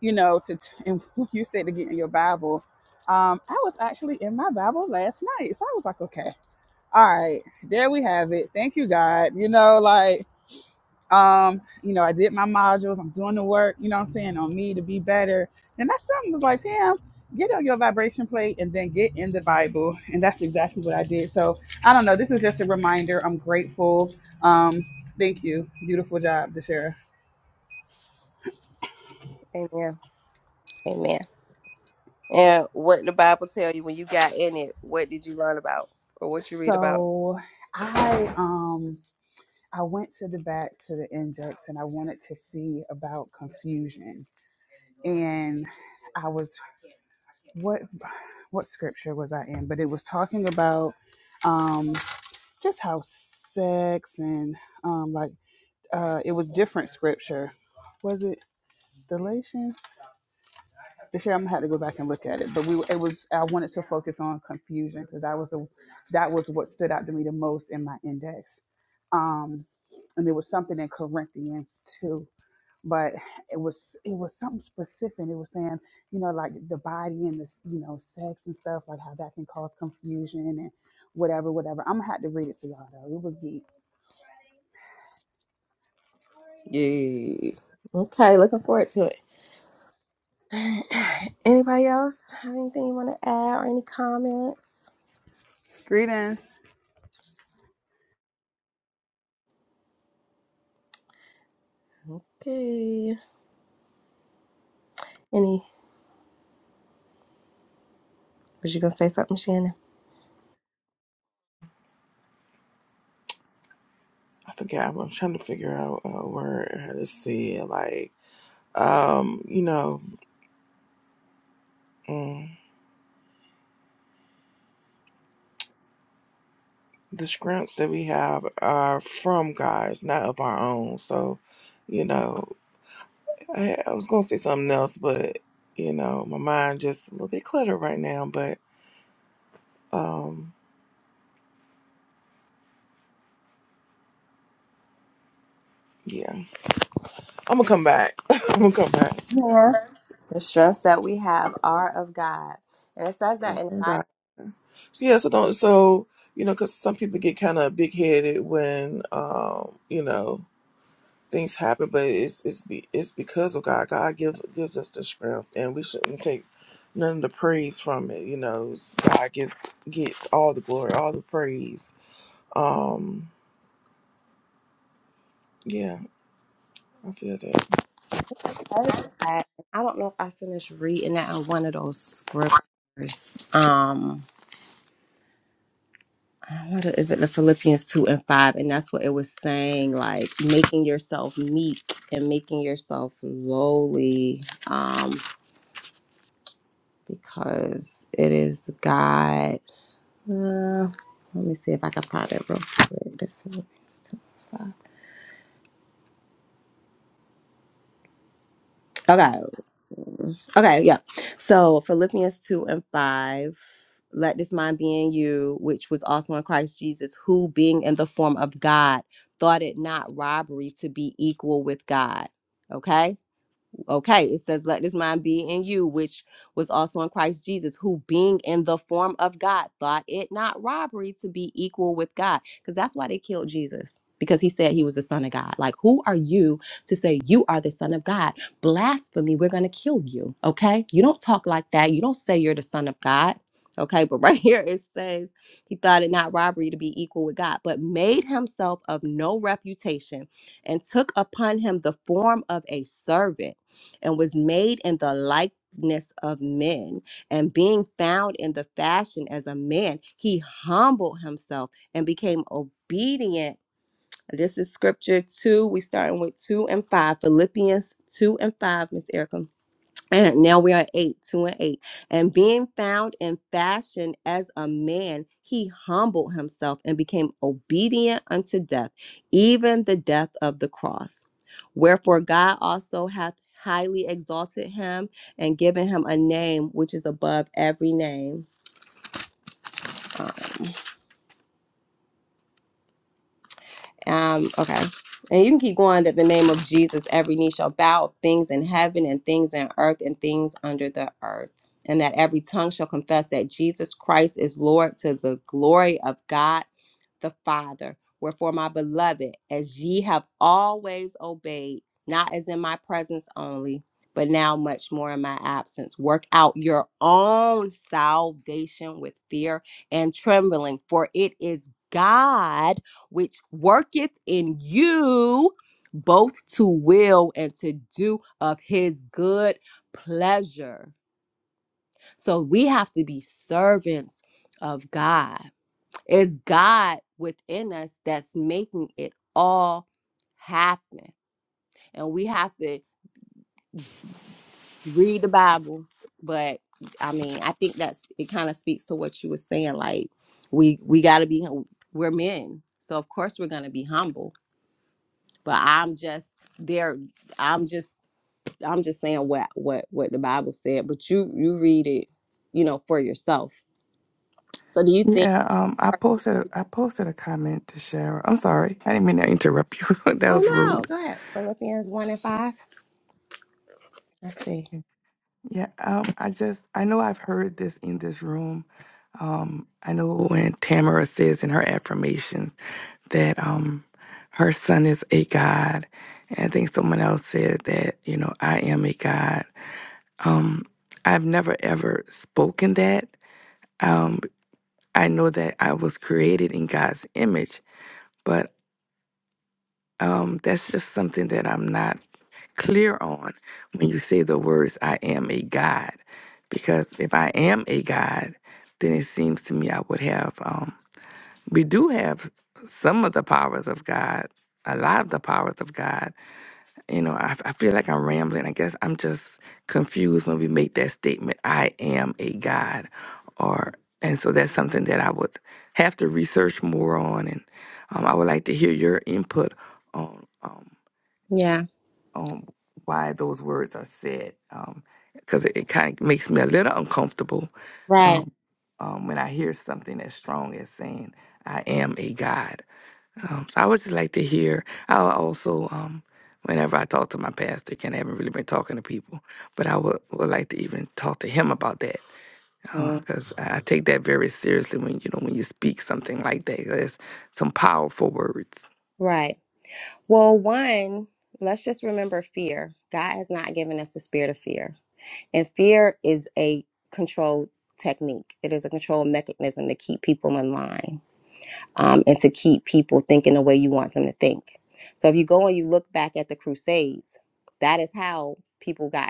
you know to and you said to get in your Bible. Um, I was actually in my Bible last night, so I was like, okay, all right, there we have it. Thank you, God. You know, like Um, you know, I did my modules, I'm doing the work, you know what I'm saying, on me to be better. And that's something that's like, Sam, get on your vibration plate and then get in the Bible. And that's exactly what I did. So I don't know. This was just a reminder. I'm grateful. Um, thank you. Beautiful job, Deshara. Amen. Amen. And what the Bible tell you when you got in it, what did you learn about or what you read about? So I um I went to the back to the index and I wanted to see about confusion. And I was. what what scripture was I in? But it was talking about um, just how sex and um, like uh, it was different scripture. Was it Galatians? This year I'm gonna have to go back and look at it. But we it was I wanted to focus on confusion because that was the that was what stood out to me the most in my index. Um, and there was something in Corinthians too but it was it was something specific. It was saying, you know, like the body and this, you know, sex and stuff, like how that can cause confusion and whatever, whatever. I'm gonna have to read it to y'all though. It was deep. Yeah. Okay, looking forward to it. Alright. Anybody else have anything you want to add or any comments? Greetings. Okay. Any was you gonna say something, Shannon? I forget. I'm, I'm trying to figure out a word how to say it. Like um, you know, mm, the strengths that we have are from God, it's not of our own. So, you know, I, I was gonna say something else, but you know, my mind just a little bit cluttered right now. But um, yeah. I'm gonna come back. I'm gonna come back. Yeah. The strengths that we have are of God. And it says that in the Congrats. Bible So yeah, so don't so you know because some people get kind of big headed when um you know things happen, but it's it's be it's because of God. God gives gives us the strength, and we shouldn't take none of the praise from it. You know, It's- God gets gets all the glory, all the praise. Um, yeah, I feel that. it says that. I don't know if I finished reading that in one of those scriptures. Um I wonder, is it the Philippians 2 and 5? And that's what it was saying, like making yourself meek and making yourself lowly, um, because it is God. Uh, let me see if I can find it real quick. The Philippians 2 and 5. Okay. Okay, yeah. So Philippians 2 and 5. Let this mind be in you, which was also in Christ Jesus, who being in the form of God, thought it not robbery to be equal with God. Okay? Okay, it says, Let this mind be in you, which was also in Christ Jesus, who being in the form of God thought it not robbery to be equal with God. Because that's why they killed Jesus, because he said he was the Son of God. Like, who are you to say you are the Son of God? Blasphemy, we're going to kill you. Okay, you don't talk like that. You don't say you're the Son of God. Okay, but right here it says he thought it not robbery to be equal with God, but made himself of no reputation and took upon him the form of a servant and was made in the likeness of men. And being found in the fashion as a man, he humbled himself and became obedient. This is scripture two. We starting with two and five. Philippians two and five, Miss Erica. And now we are eight, two and eight. And being found in fashion as a man, he humbled himself and became obedient unto death, even the death of the cross. Wherefore God also hath highly exalted him and given him a name which is above every name. Uh, Um, okay. And you can keep going that the name of Jesus, every knee shall bow, things in heaven and things in earth and things under the earth. And that every tongue shall confess that Jesus Christ is Lord to the glory of God the Father. Wherefore, my beloved, as ye have always obeyed, not as in my presence only, but now much more in my absence, work out your own salvation with fear and trembling, for it is God which worketh in you both to will and to do of his good pleasure. So we have to be servants of God it's God within us that's making it all happen. And we have to read the Bible. But I mean, I think that's it kind of speaks to what you were saying. Like we we gotta be we're men. So of course we're gonna be humble. But I'm just there I'm just I'm just saying what what what the Bible said. But you you read it, you know, for yourself. So do you think Yeah, um, I posted I posted a comment to Shara. I'm sorry, I didn't mean to interrupt you. that was Oh no, rude. go ahead. Philippians one and five. Let's see. Yeah, um, I just I know I've heard this in this room. Um, I know when Tamara says in her affirmation that um, her son is a god, and I think someone else said that you know I am a god. Um, I've never ever spoken that. Um, I know that I was created in God's image, but um, that's just something that I'm not. clear on when you say the words, I am a God. Because if I am a God, then it seems to me I would have, um, we do have some of the powers of God, a lot of the powers of God. You know, I, I feel like I'm rambling. I guess I'm just confused when we make that statement, I am a God. Or, and so that's something that I would have to research more on. And um, I would like to hear your input on. um, Yeah. um, why those words are said because it, it kind of makes me a little uncomfortable Right. um, um, when I hear something as strong as saying, I am a God. Um, so I would just like to hear, I would also, um, whenever I talk to my pastor, and I haven't really been talking to people, but I would, would like to even talk to him about that Mm, because I I take that very seriously when, you know, when you speak something like that. that's some powerful words. Right. Well, one, let's just remember fear. God has not given us the spirit of fear. And fear is a control technique, it is a control mechanism to keep people in line um, and to keep people thinking the way you want them to think. So if you go and you look back at the Crusades, that is how people got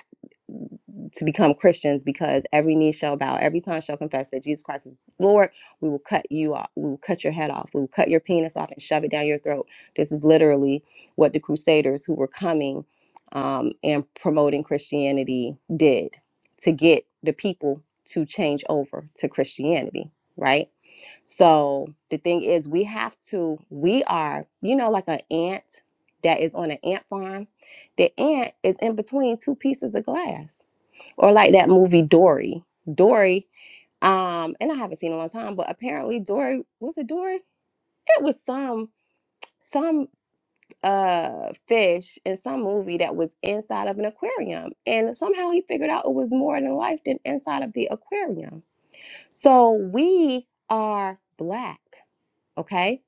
to become Christians because every knee shall bow, every tongue shall confess that Jesus Christ is Lord. We will cut you off. We will cut your head off. We will cut your penis off and shove it down your throat. This is literally what the Crusaders who were coming um, and promoting Christianity did to get the people to change over to Christianity, right? So the thing is, we have to, we are, you know, like an ant that is on an ant farm. The ant is in between two pieces of glass or like that movie Dory. Dory, um, and I haven't seen it in a long time, but apparently Dory was it Dory? It was some some uh fish in some movie that was inside of an aquarium. And somehow he figured out it was more than life than inside of the aquarium. So we are black, okay?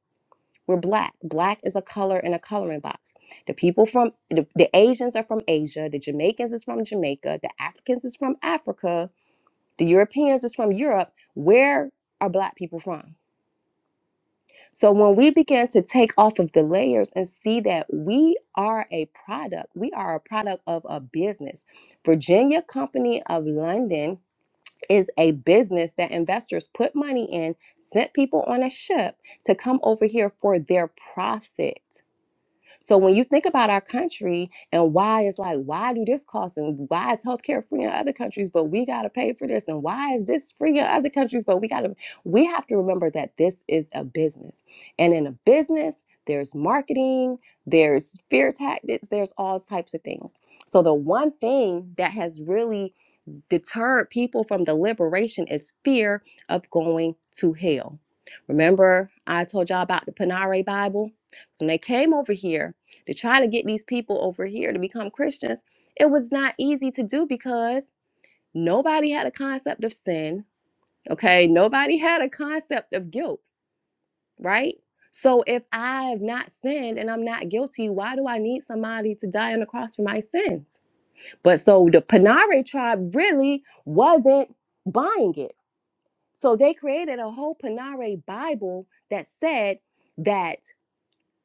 We're black. Black is a color in a coloring box. The people from the, the Asians are from Asia, the Jamaicans is from Jamaica, the Africans is from Africa, the Europeans is from Europe. Where are black people from? So when we begin to take off of the layers and see that we are a product, we are a product of a business. Virginia Company of London is a business that investors put money in, sent people on a ship to come over here for their profit. So when you think about our country and why it's like, why do this cost and why is healthcare free in other countries, but we gotta pay for this, and why is this free in other countries, but we gotta we have to remember that this is a business. And in a business, there's marketing, there's fear tactics, there's all types of things. So the one thing that has really deterred people from the liberation is fear of going to hell. Remember, I told y'all about the Panare Bible? So when they came over here to try to get these people over here to become Christians, it was not easy to do because nobody had a concept of sin. Okay. Nobody had a concept of guilt, right? So if I have not sinned and I'm not guilty, why do I need somebody to die on the cross for my sins? But so the Panare tribe really wasn't buying it. So they created a whole Panare Bible that said that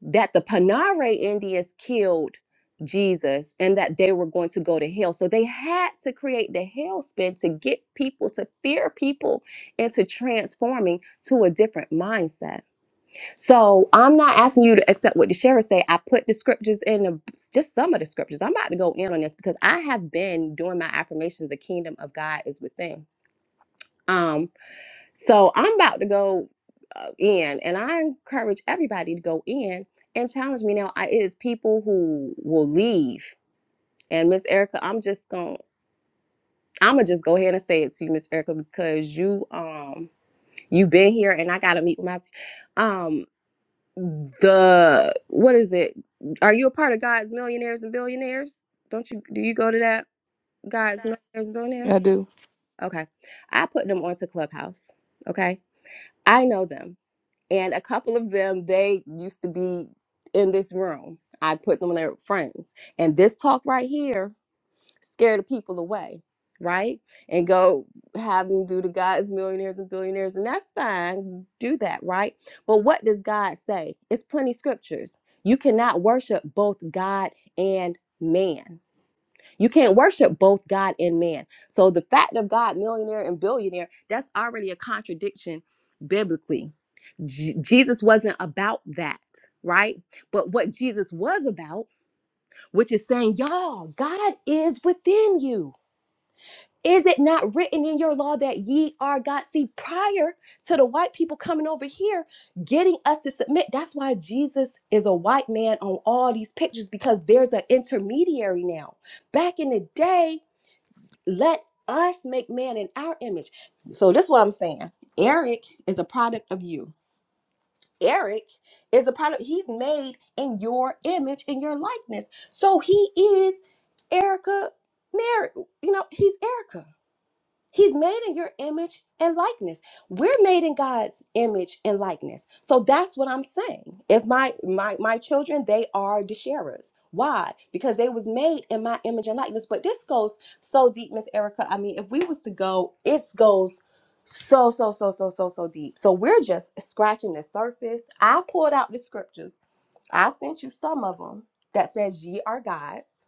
that the Panare Indians killed Jesus and that they were going to go to hell. So they had to create the hellspin to get people to fear people into transforming to a different mindset. So I'm not asking you to accept what the sheriff say. I put the scriptures in the just some of the scriptures. I'm about to go in on this because I have been doing my affirmations. The kingdom of God is within. Um, so I'm about to go uh, in, and I encourage everybody to go in and challenge me. Now, I it is people who will leave, and Miss Erica, I'm just gonna. I'm gonna just go ahead and say it to you, Miss Erica, because you um you've been here, and I gotta meet with my um the what is it? Are you a part of God's millionaires and billionaires? Don't you do you go to that God's millionaires and I billionaires? do. Okay. I put them onto Clubhouse. Okay. I know them. And a couple of them, they used to be in this room. I put them in their friends. And this talk right here scare the people away, right? And go have them do the God's millionaires and billionaires, and that's fine. Do that, right? But what does God say? It's plenty scriptures. You cannot worship both God and man. You can't worship both God and man. So the fact of God, millionaire and billionaire, that's already a contradiction biblically. Je- Jesus wasn't about that, right? But what Jesus was about, which is saying, y'all, God is within you. Is it not written in your law that ye are God? See, prior to the white people coming over here, getting us to submit, that's why Jesus is a white man on all these pictures because there's an intermediary now. Back in the day, let us make man in our image. So, this is what I'm saying Eric is a product of you. Eric is a product, he's made in your image, in your likeness. So, he is Erica, Mary, you know, he's Erica. He's made in your image and likeness. We're made in God's image and likeness. So that's what I'm saying. If my my my children, they are sharers. Why? Because they was made in my image and likeness. But this goes so deep, Miss Erica. I mean, if we was to go, it goes so so so so so so deep. So we're just scratching the surface. I pulled out the scriptures. I sent you some of them that says ye are gods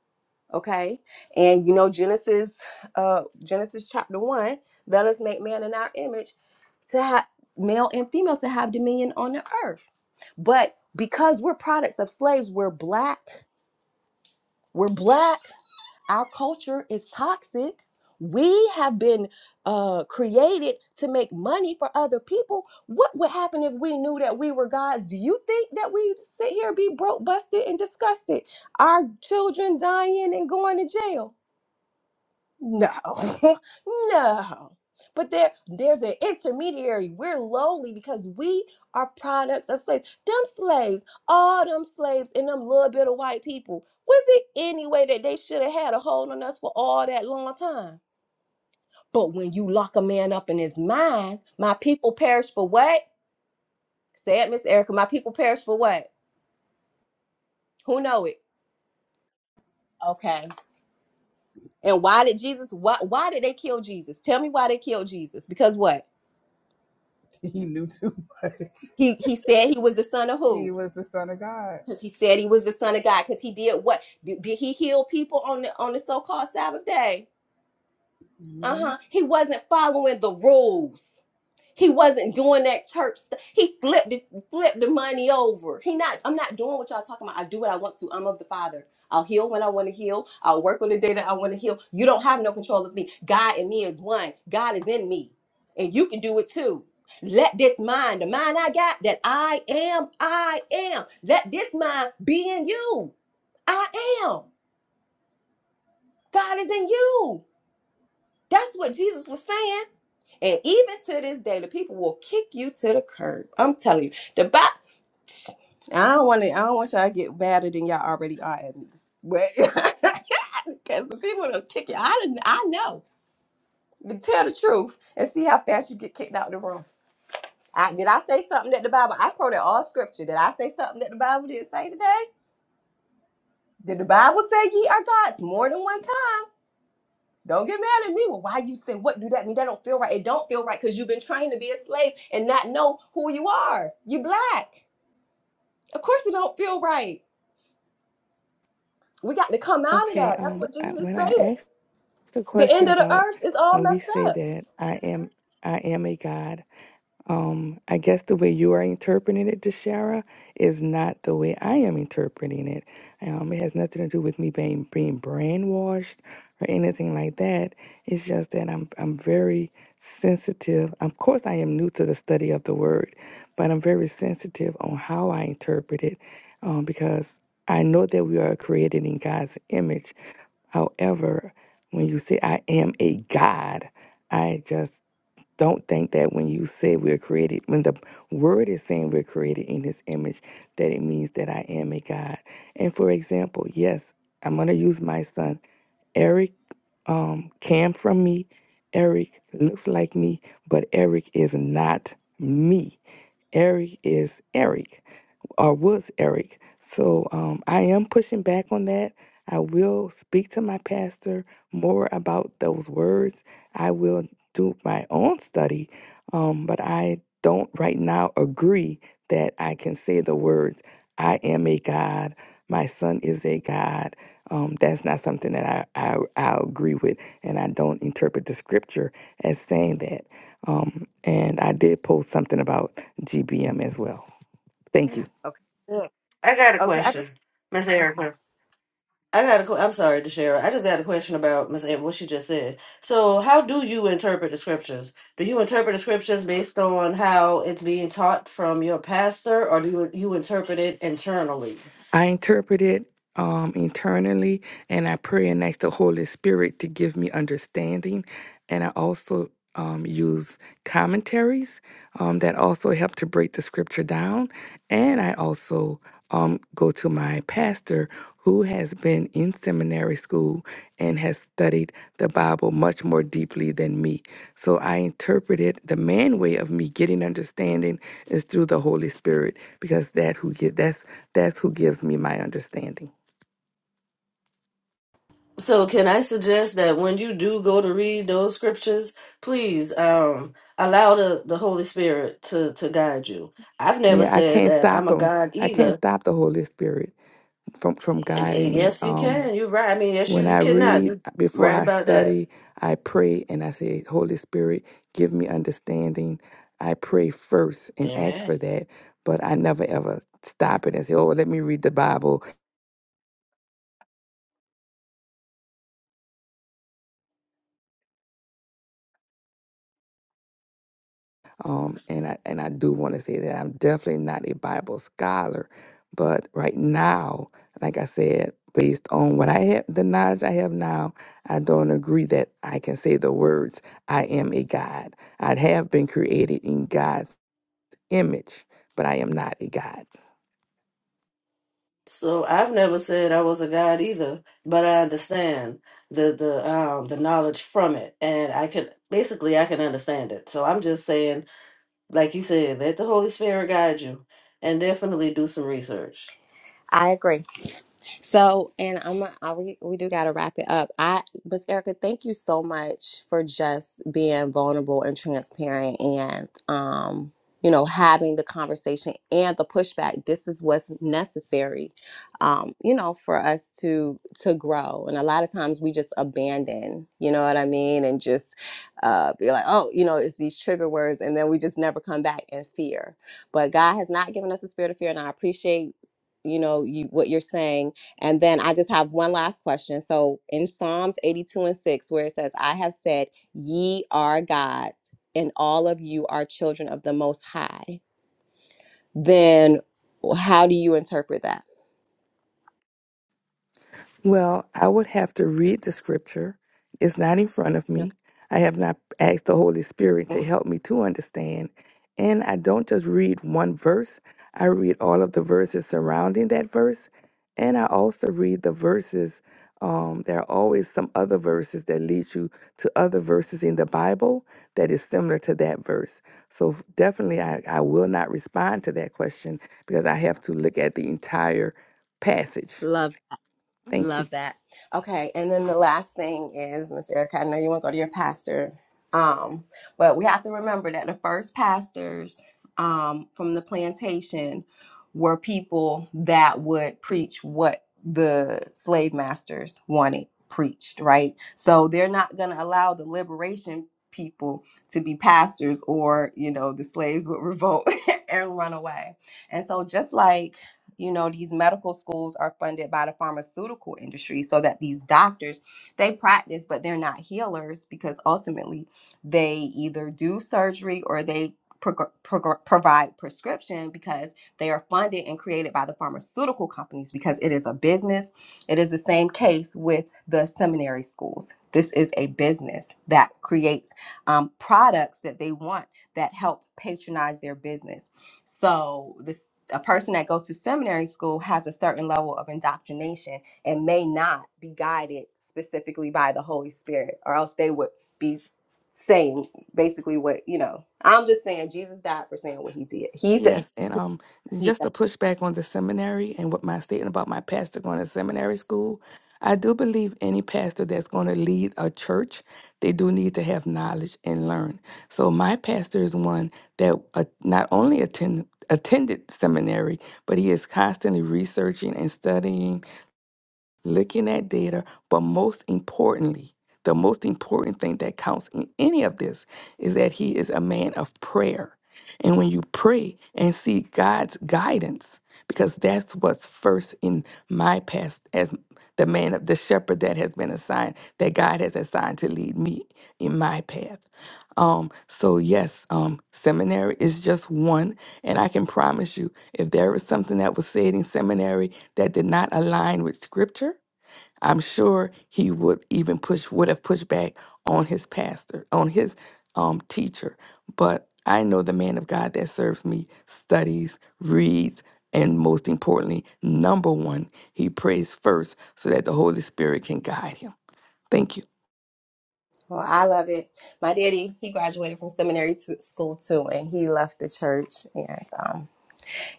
okay and you know genesis uh genesis chapter 1 let us make man in our image to have male and female to have dominion on the earth but because we're products of slaves we're black we're black our culture is toxic we have been uh, created to make money for other people. What would happen if we knew that we were gods? Do you think that we sit here be broke, busted, and disgusted? Our children dying and going to jail no, no. But there, there's an intermediary. We're lowly because we are products of slaves. Them slaves, all them slaves, and them little bit of white people. Was it any way that they should have had a hold on us for all that long time? But when you lock a man up in his mind, my people perish for what? Say it, Miss Erica. My people perish for what? Who know it? Okay. And why did Jesus? Why? Why did they kill Jesus? Tell me why they killed Jesus? Because what? He knew too much. He he said he was the son of who? He was the son of God. because he said he was the son of God. Because he did what? Did, did he heal people on the on the so called Sabbath day? Uh hmm huh. He wasn't following the rules. He wasn't doing that church stuff. He flipped it, flipped the money over. He not. I'm not doing what y'all talking about. I do what I want to. I'm of the Father. I'll heal when I want to heal. I'll work on the day that I want to heal. You don't have no control of me. God and me is one. God is in me, and you can do it too. Let this mind, the mind I got, that I am, I am. Let this mind be in you. I am. God is in you. That's what Jesus was saying. And even to this day, the people will kick you to the curb. I'm telling you. The Bible. I don't want to I don't want y'all to get madder than y'all already are at me. But because the people will kick you. I didn't I know. But tell the truth and see how fast you get kicked out the room. I, did I say something that the Bible I quoted all scripture. Did I say something that the Bible didn't say today? Did the Bible say ye are gods more than one time? Don't get mad at me. Well, why you say what do that mean? That don't feel right. It don't feel right because you've been trained to be a slave and not know who you are. You black. Of course it don't feel right. We got to come out of Okay. that. That's Um, what I, Jesus is when I saying. asked The The question end of the about earth is all when we messed say up. that I am I am a God. Um, I guess the way you are interpreting it, Deshara, is not the way I am interpreting it. Um, it has nothing to do with me being being brainwashed or anything like that. It's just that I'm I'm very sensitive. Of course, I am new to the study of the word, but I'm very sensitive on how I interpret it, um, because I know that we are created in God's image However, when you say, I am a God, I just don't think that when you say we're created, when the word is saying we're created in his image, that it means that I am a God. And for example, yes, I'm going to use my son. Eric um, came from me. Eric looks like me, but Eric is not me. Eric is Eric or was Eric. So um, I am pushing back on that. I will speak to my pastor more about those words. I will do my own study, um, but I don't right now agree that I can say the words, I am a God, my son is a God. Um, that's not something that I, I, I agree with, and I don't interpret the scripture as saying that. Um, and I did post something about GBM as well. Thank you. Okay. good. I got a Okay. I just question, Miss okay. Erica. I got a, que- I'm sorry, DeShera. I just got a question about Miss Ann, what she just said. So, how do you interpret the scriptures? Do you interpret the scriptures based on how it's being taught from your pastor, or do you, you interpret it internally? I interpret it um, internally, and I pray and ask the Holy Spirit to give me understanding. And I also um, use commentaries um, that also help to break the scripture down. And I also um, go to my pastor who has been in seminary school and has studied the Bible much more deeply than me. So I interpret it the main way of me getting understanding is through the Holy Spirit because that who get that's that's who gives me my understanding. So, can I suggest that when you do go to read those scriptures, please um, allow the, the Holy Spirit to, to guide you? I've never Yeah, I said can't that I'm stop a him. God I can't either. stop the Holy Spirit from from And, and guiding me. yes, you Um, can. You're right. I mean, yes, when you, you I cannot. read, You're before right I about that. study, I pray and I say, Holy Spirit, give me understanding. I pray first and ask Amen. for that, but I never ever stop it and say, Oh, let me read the Bible Um, and I and I do want to say that I'm definitely not a Bible scholar, but right now, like I said, based on what I have, the knowledge I have now, I don't agree that I can say the words "I am a God." I have been created in God's image, but I am not a God. So I've never said I was a god either, but I understand the the um the knowledge from it, and I can basically I can understand it. So I'm just saying, like you said, let the Holy Spirit guide you, and definitely do some research. I agree. So, and I'm I, we we do got to wrap it up. I, but Erica, thank you so much for just being vulnerable and transparent, and um, you know, having the conversation and the pushback. This is what's necessary, um, you know, for us to to grow. And a lot of times we just abandon, you know what I mean, and just uh, be like, oh, you know, it's these trigger words, and then we just never come back in fear. But God has not given us a spirit of fear, and I appreciate you know you what you're saying and then I just have one last question. So in Psalms 82 and 6, where it says, I have said, Ye are gods, and all of you are children of the Most High, then how do you interpret that? Well, I would have to read the scripture. It's not in front of me. I have not asked the Holy Spirit to Okay. help me to understand. And I don't just read one verse, I read all of the verses surrounding that verse. And I also read the verses. Um, there are always some other verses that lead you to other verses in the Bible that is similar to that verse. So f- definitely, I, I will not respond to that question because I have to look at the entire passage. Thank you. Love that. Okay, and then the last thing is, Miss Erica, I know you want to go to your pastor, um, but we have to remember that the first pastors um, from the plantation were people that would preach what the slave masters wanted preached, right? So they're not going to allow the liberation people to be pastors or, you know, the slaves would revolt and run away. And so just like you know these medical schools are funded by the pharmaceutical industry so that these doctors they practice but they're not healers because ultimately they either do surgery or they pro- pro- provide prescription because they are funded and created by the pharmaceutical companies because it is a business it is the same case with the seminary schools this is a business that creates um, products that they want that help patronize their business so this a person that goes to seminary school has a certain level of indoctrination and may not be guided specifically by the Holy Spirit, or else they would be saying basically what you know. I'm just saying Jesus died for saying what he did. He's the Yes, and um, he, just to push back on the seminary and what my statement about my pastor going to seminary school, I do believe any pastor that's going to lead a church, they do need to have knowledge and learn. So my pastor is one that uh, not only attend, attended seminary, but he is constantly researching and studying looking at data, but most importantly, the most important thing that counts in any of this is that he is a man of prayer. And when you pray and seek God's guidance, because that's what's first in my past as the man of the shepherd that has been assigned, that God has assigned to lead me in my path. Um, so yes, um, seminary is just one, and I can promise you, if there was something that was said in seminary that did not align with scripture, I'm sure he would even push would have pushed back on his pastor, on his um teacher. But I know the man of God that serves me studies, reads, and most importantly, number one, he prays first so that the Holy Spirit can guide him. Thank you. well, I love it. My daddy, he graduated from seminary to school too, and he left the church. And um,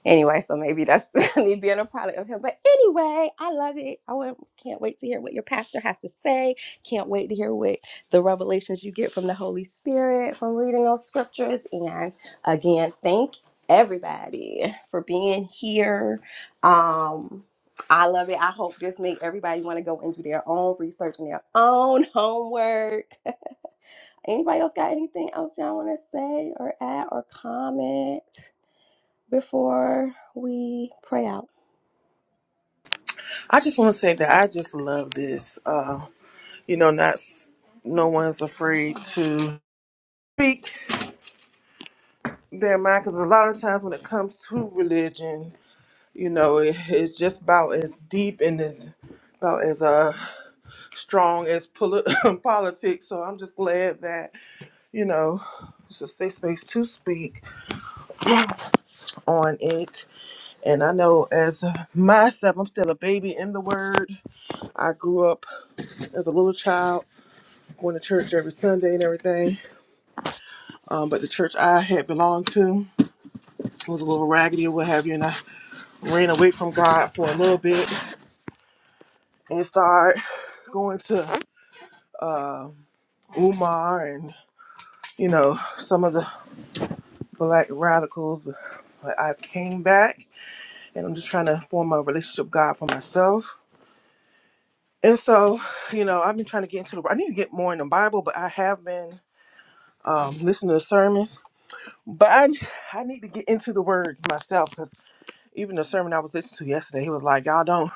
Anyway, so maybe that's me being a product of him. But anyway, I love it. I want- can't wait to hear what your pastor has to say. Can't wait to hear what the revelations you get from the Holy Spirit from reading those scriptures. And again, thank everybody for being here. Um, I love it. I hope this made everybody want to go and do their own research and their own homework. Anybody else got anything else y'all want to say or add or comment? before we pray out? I just want to say that I just love this. Uh, you know, not s- no one's afraid to speak their mind because a lot of times when it comes to religion you know it, it's just about as deep and as about as uh strong as poli- politics so i'm just glad that you know it's a safe space to speak on it and i know as myself i'm still a baby in the word i grew up as a little child going to church every sunday and everything um, but the church i had belonged to was a little raggedy or what have you and i ran away from god for a little bit and start going to uh, Umar and you know some of the black radicals. But I came back and I'm just trying to form a relationship with God for myself. And so, you know, I've been trying to get into the. I need to get more in the Bible, but I have been um, listening to sermons. But I, I need to get into the Word myself because even the sermon I was listening to yesterday, he was like, "Y'all don't."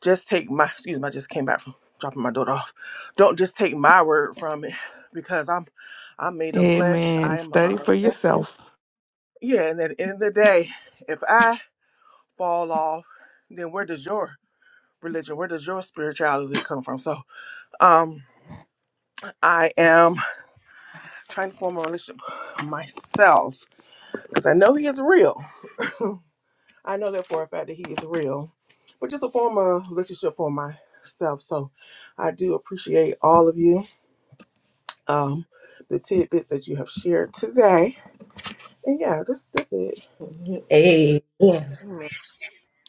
just take my excuse me, I just came back from dropping my daughter off. Don't just take my word from it because I'm I'm made of flesh. Amen. I am Study a for man. yourself. Yeah, and at the end of the day, if I fall off, then where does your religion, where does your spirituality come from? So um I am trying to form a relationship myself because I know he is real. I know that for a fact that he is real. But just a form of relationship for myself. So I do appreciate all of you um, the tidbits that you have shared today. And yeah, this this is it. Amen. Amen.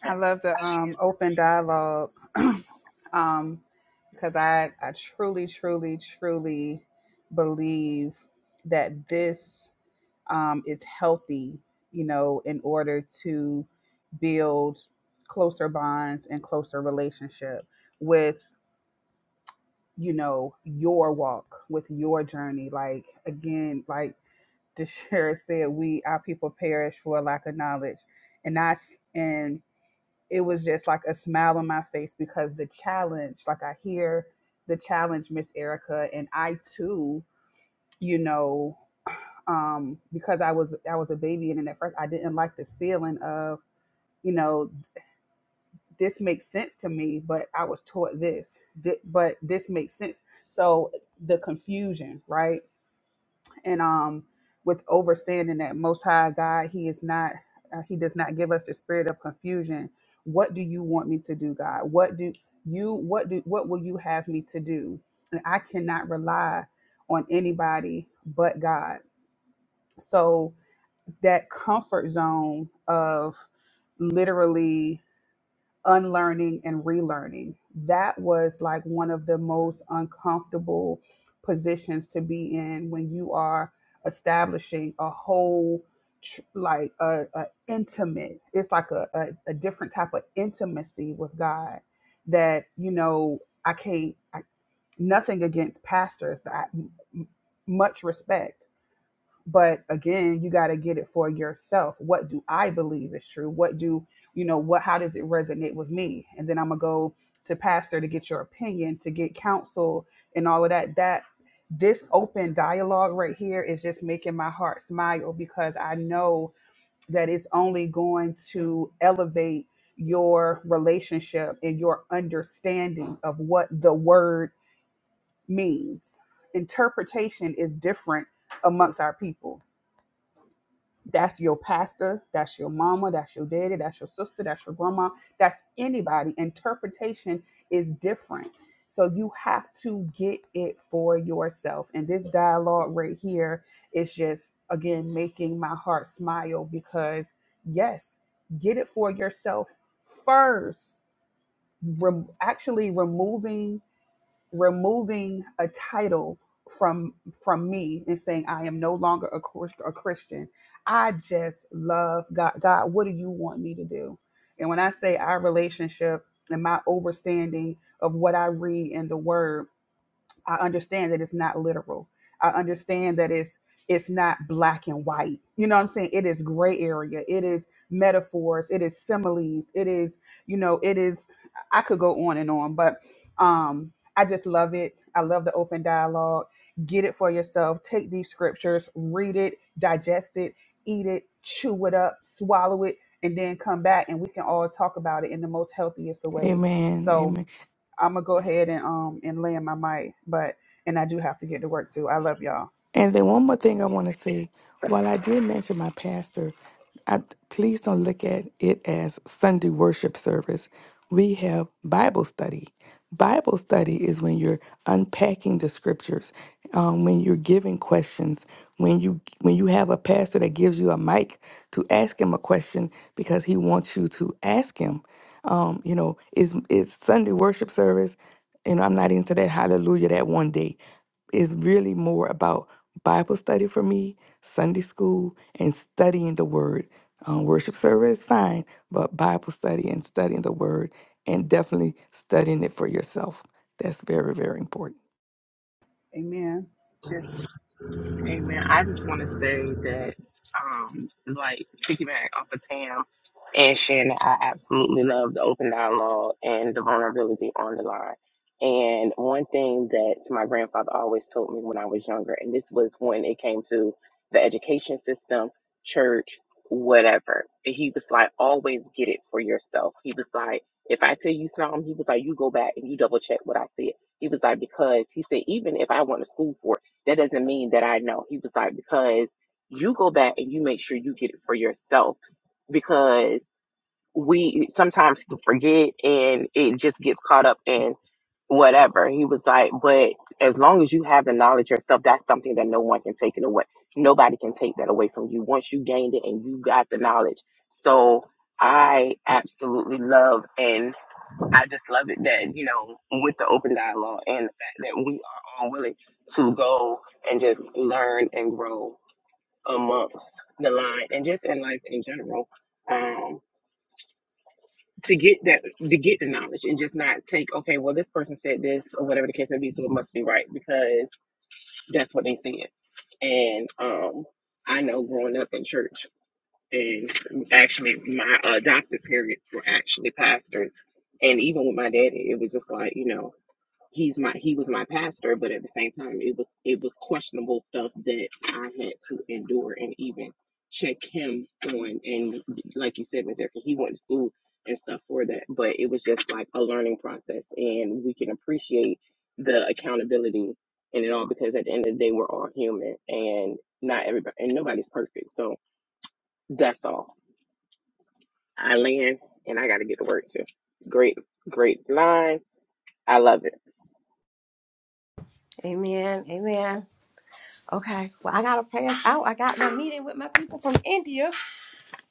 I love the um, open dialogue um, because I I truly, truly, truly believe that this. um, is healthy, you know, in order to build closer bonds and closer relationship with, you know, your walk, with your journey. Like, again, like DeShera said, we, our people perish for a lack of knowledge. And I, s- and it was just like a smile on my face because the challenge, like I hear the challenge, Miss Erica, and I too, you know um, because I was I was a baby and at first I didn't like the feeling of you know this makes sense to me, but I was taught this, Thi- but this makes sense. So the confusion, right? And um, with overstanding that Most High God, He is not uh, He does not give us the spirit of confusion. What do you want me to do, God? What do you what do what will you have me to do? And I cannot rely on anybody but God. So that comfort zone of literally unlearning and relearning. That was like one of the most uncomfortable positions to be in when you are establishing a whole tr- like a, a intimate it's like a, a, a different type of intimacy with god that you know i can't I, nothing against pastors that I- m- much respect but again you got to get it for yourself what do i believe is true what do you know what how does it resonate with me and then i'm gonna go to pastor to get your opinion to get counsel and all of that that this open dialogue right here is just making my heart smile because i know that it's only going to elevate your relationship and your understanding of what the word means interpretation is different amongst our people that's your pastor, that's your mama, that's your daddy, that's your sister, that's your grandma, that's anybody. Interpretation is different. So you have to get it for yourself. And this dialogue right here is just, again, making my heart smile because, yes, get it for yourself first. Re- actually, removing removing a title from from me and saying I am no longer a, Chris- a Christian. I just love God. God, what do you want me to do? And when I say our relationship and my overstanding of what I read in the Word, I understand that it's not literal. I understand that it's it's not black and white. You know what I'm saying? It is gray area. It is metaphors. It is similes. It is, you know, it is I could go on and on, but um I just love it. I love the open dialogue. Get it for yourself. Take these scriptures, read it, digest it, eat it, chew it up, swallow it, and then come back and we can all talk about it in the most healthiest of ways. Amen. So Amen. I'm gonna go ahead and um and land my mic, but and I do have to get to work too. I love y'all. And then one more thing I want to say. While I did mention my pastor, I, please don't look at it as Sunday worship service. We have Bible study. Bible study is when you're unpacking the scriptures, um, when you're giving questions, when you when you have a pastor that gives you a mic to ask him a question because he wants you to ask him. Um, you know, is is Sunday worship service? You know, I'm not into that hallelujah that one day. It's really more about Bible study for me, Sunday school, and studying the Word. Um, worship service, fine, but Bible study and studying the Word, and definitely studying it for yourself. That's very, very important. Amen. Amen. I just want to say that, um, like piggyback off of Tam and Shannon, I absolutely love the open dialogue and the vulnerability on the line. And one thing that my grandfather always told me when I was younger, and this was when it came to the education system, church, whatever. And he was like, always get it for yourself. He was like, if I tell you something, he was like, you go back and you double check what I said. He was like, because he said, even if I went to school for it that doesn't mean that I know. He was like, because you go back and you make sure you get it for yourself because we sometimes forget and it just gets caught up in whatever. He was like, but as long as you have the knowledge yourself, that's something that no one can take it away. Nobody can take that away from you once you gained it and you got the knowledge. So I absolutely love and I just love it that, you know, with the open dialogue and the fact that we are all willing to go and just learn and grow amongst the line and just in life in general. Um, to get that to get the knowledge and just not take, okay, well this person said this or whatever the case may be, so it must be right because that's what they said. And um I know growing up in church and actually my adopted parents were actually pastors. And even with my daddy, it was just like, you know, he's my he was my pastor, but at the same time it was it was questionable stuff that I had to endure and even check him on and like you said, Ms. Erica, he went to school and stuff for that. But it was just like a learning process and we can appreciate the accountability in it all because at the end of the day we're all human and not everybody and nobody's perfect. So that's all. I land and I gotta get to work too. Great, great line. I love it. Amen. Amen. Okay. Well, I got to pray us out. I got my meeting with my people from India.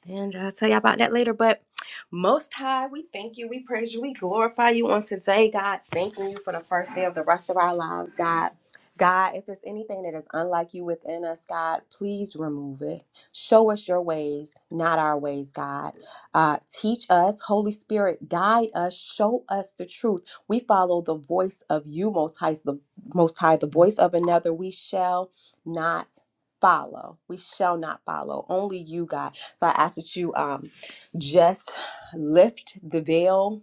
And I'll tell you about that later. But most high, we thank you, we praise you, we glorify you on today, God. Thanking you for the first day of the rest of our lives, God. God, if it's anything that is unlike you within us, God, please remove it. Show us your ways, not our ways, God. Uh, teach us, Holy Spirit, guide us, show us the truth. We follow the voice of you, Most High, the Most High, the voice of another. We shall not follow. We shall not follow. Only you, God. So I ask that you um, just lift the veil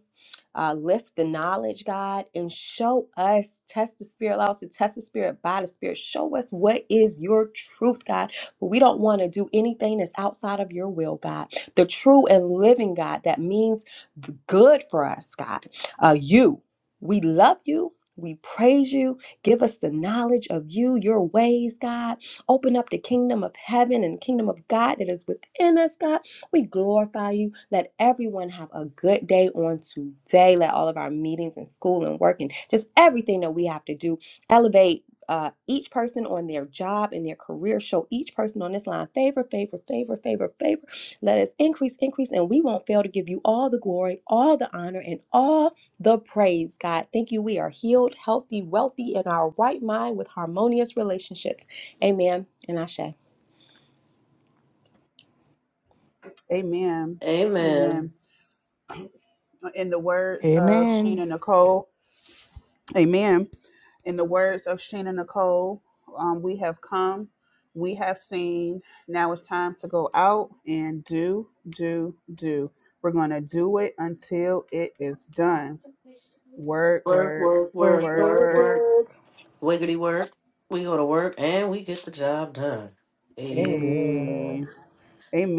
uh, lift the knowledge, God, and show us, test the spirit, allow us to test the spirit by the spirit. Show us what is your truth, God. For we don't want to do anything that's outside of your will, God. The true and living God that means the good for us, God. Uh, you, we love you. We praise you. Give us the knowledge of you, your ways, God. Open up the kingdom of heaven and kingdom of God that is within us, God we glorify you. Let everyone have a good day on today. Let all of our meetings and school and work and just everything that we have to do elevate uh, each person on their job and their career. Show each person on this line favor, favor, favor, favor, favor. Let us increase, increase, and we won't fail to give you all the glory, all the honor, and all the praise, God. Thank you. We are healed, healthy, wealthy, in our right mind with harmonious relationships. Amen. And Ashe. Amen. Amen. Amen. In the words of Amen. Sheena Nicole, Amen. In the words of Sheena Nicole, um, we have come, we have seen. Now it's time to go out and do, do, do. We're going to do it until it is done. Word, Work, word, work, Work, work, word, work, work, word. work. work. Wiggity work. We go to work and we get the job done. Hey. Amen. A-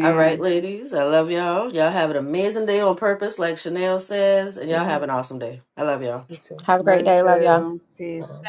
All right, ladies. I love y'all. Y'all have an amazing day on purpose, like Chanel says, and y'all Amen. have an awesome day. I love y'all. You Have a great Ready day. Love y'all. too. to peace.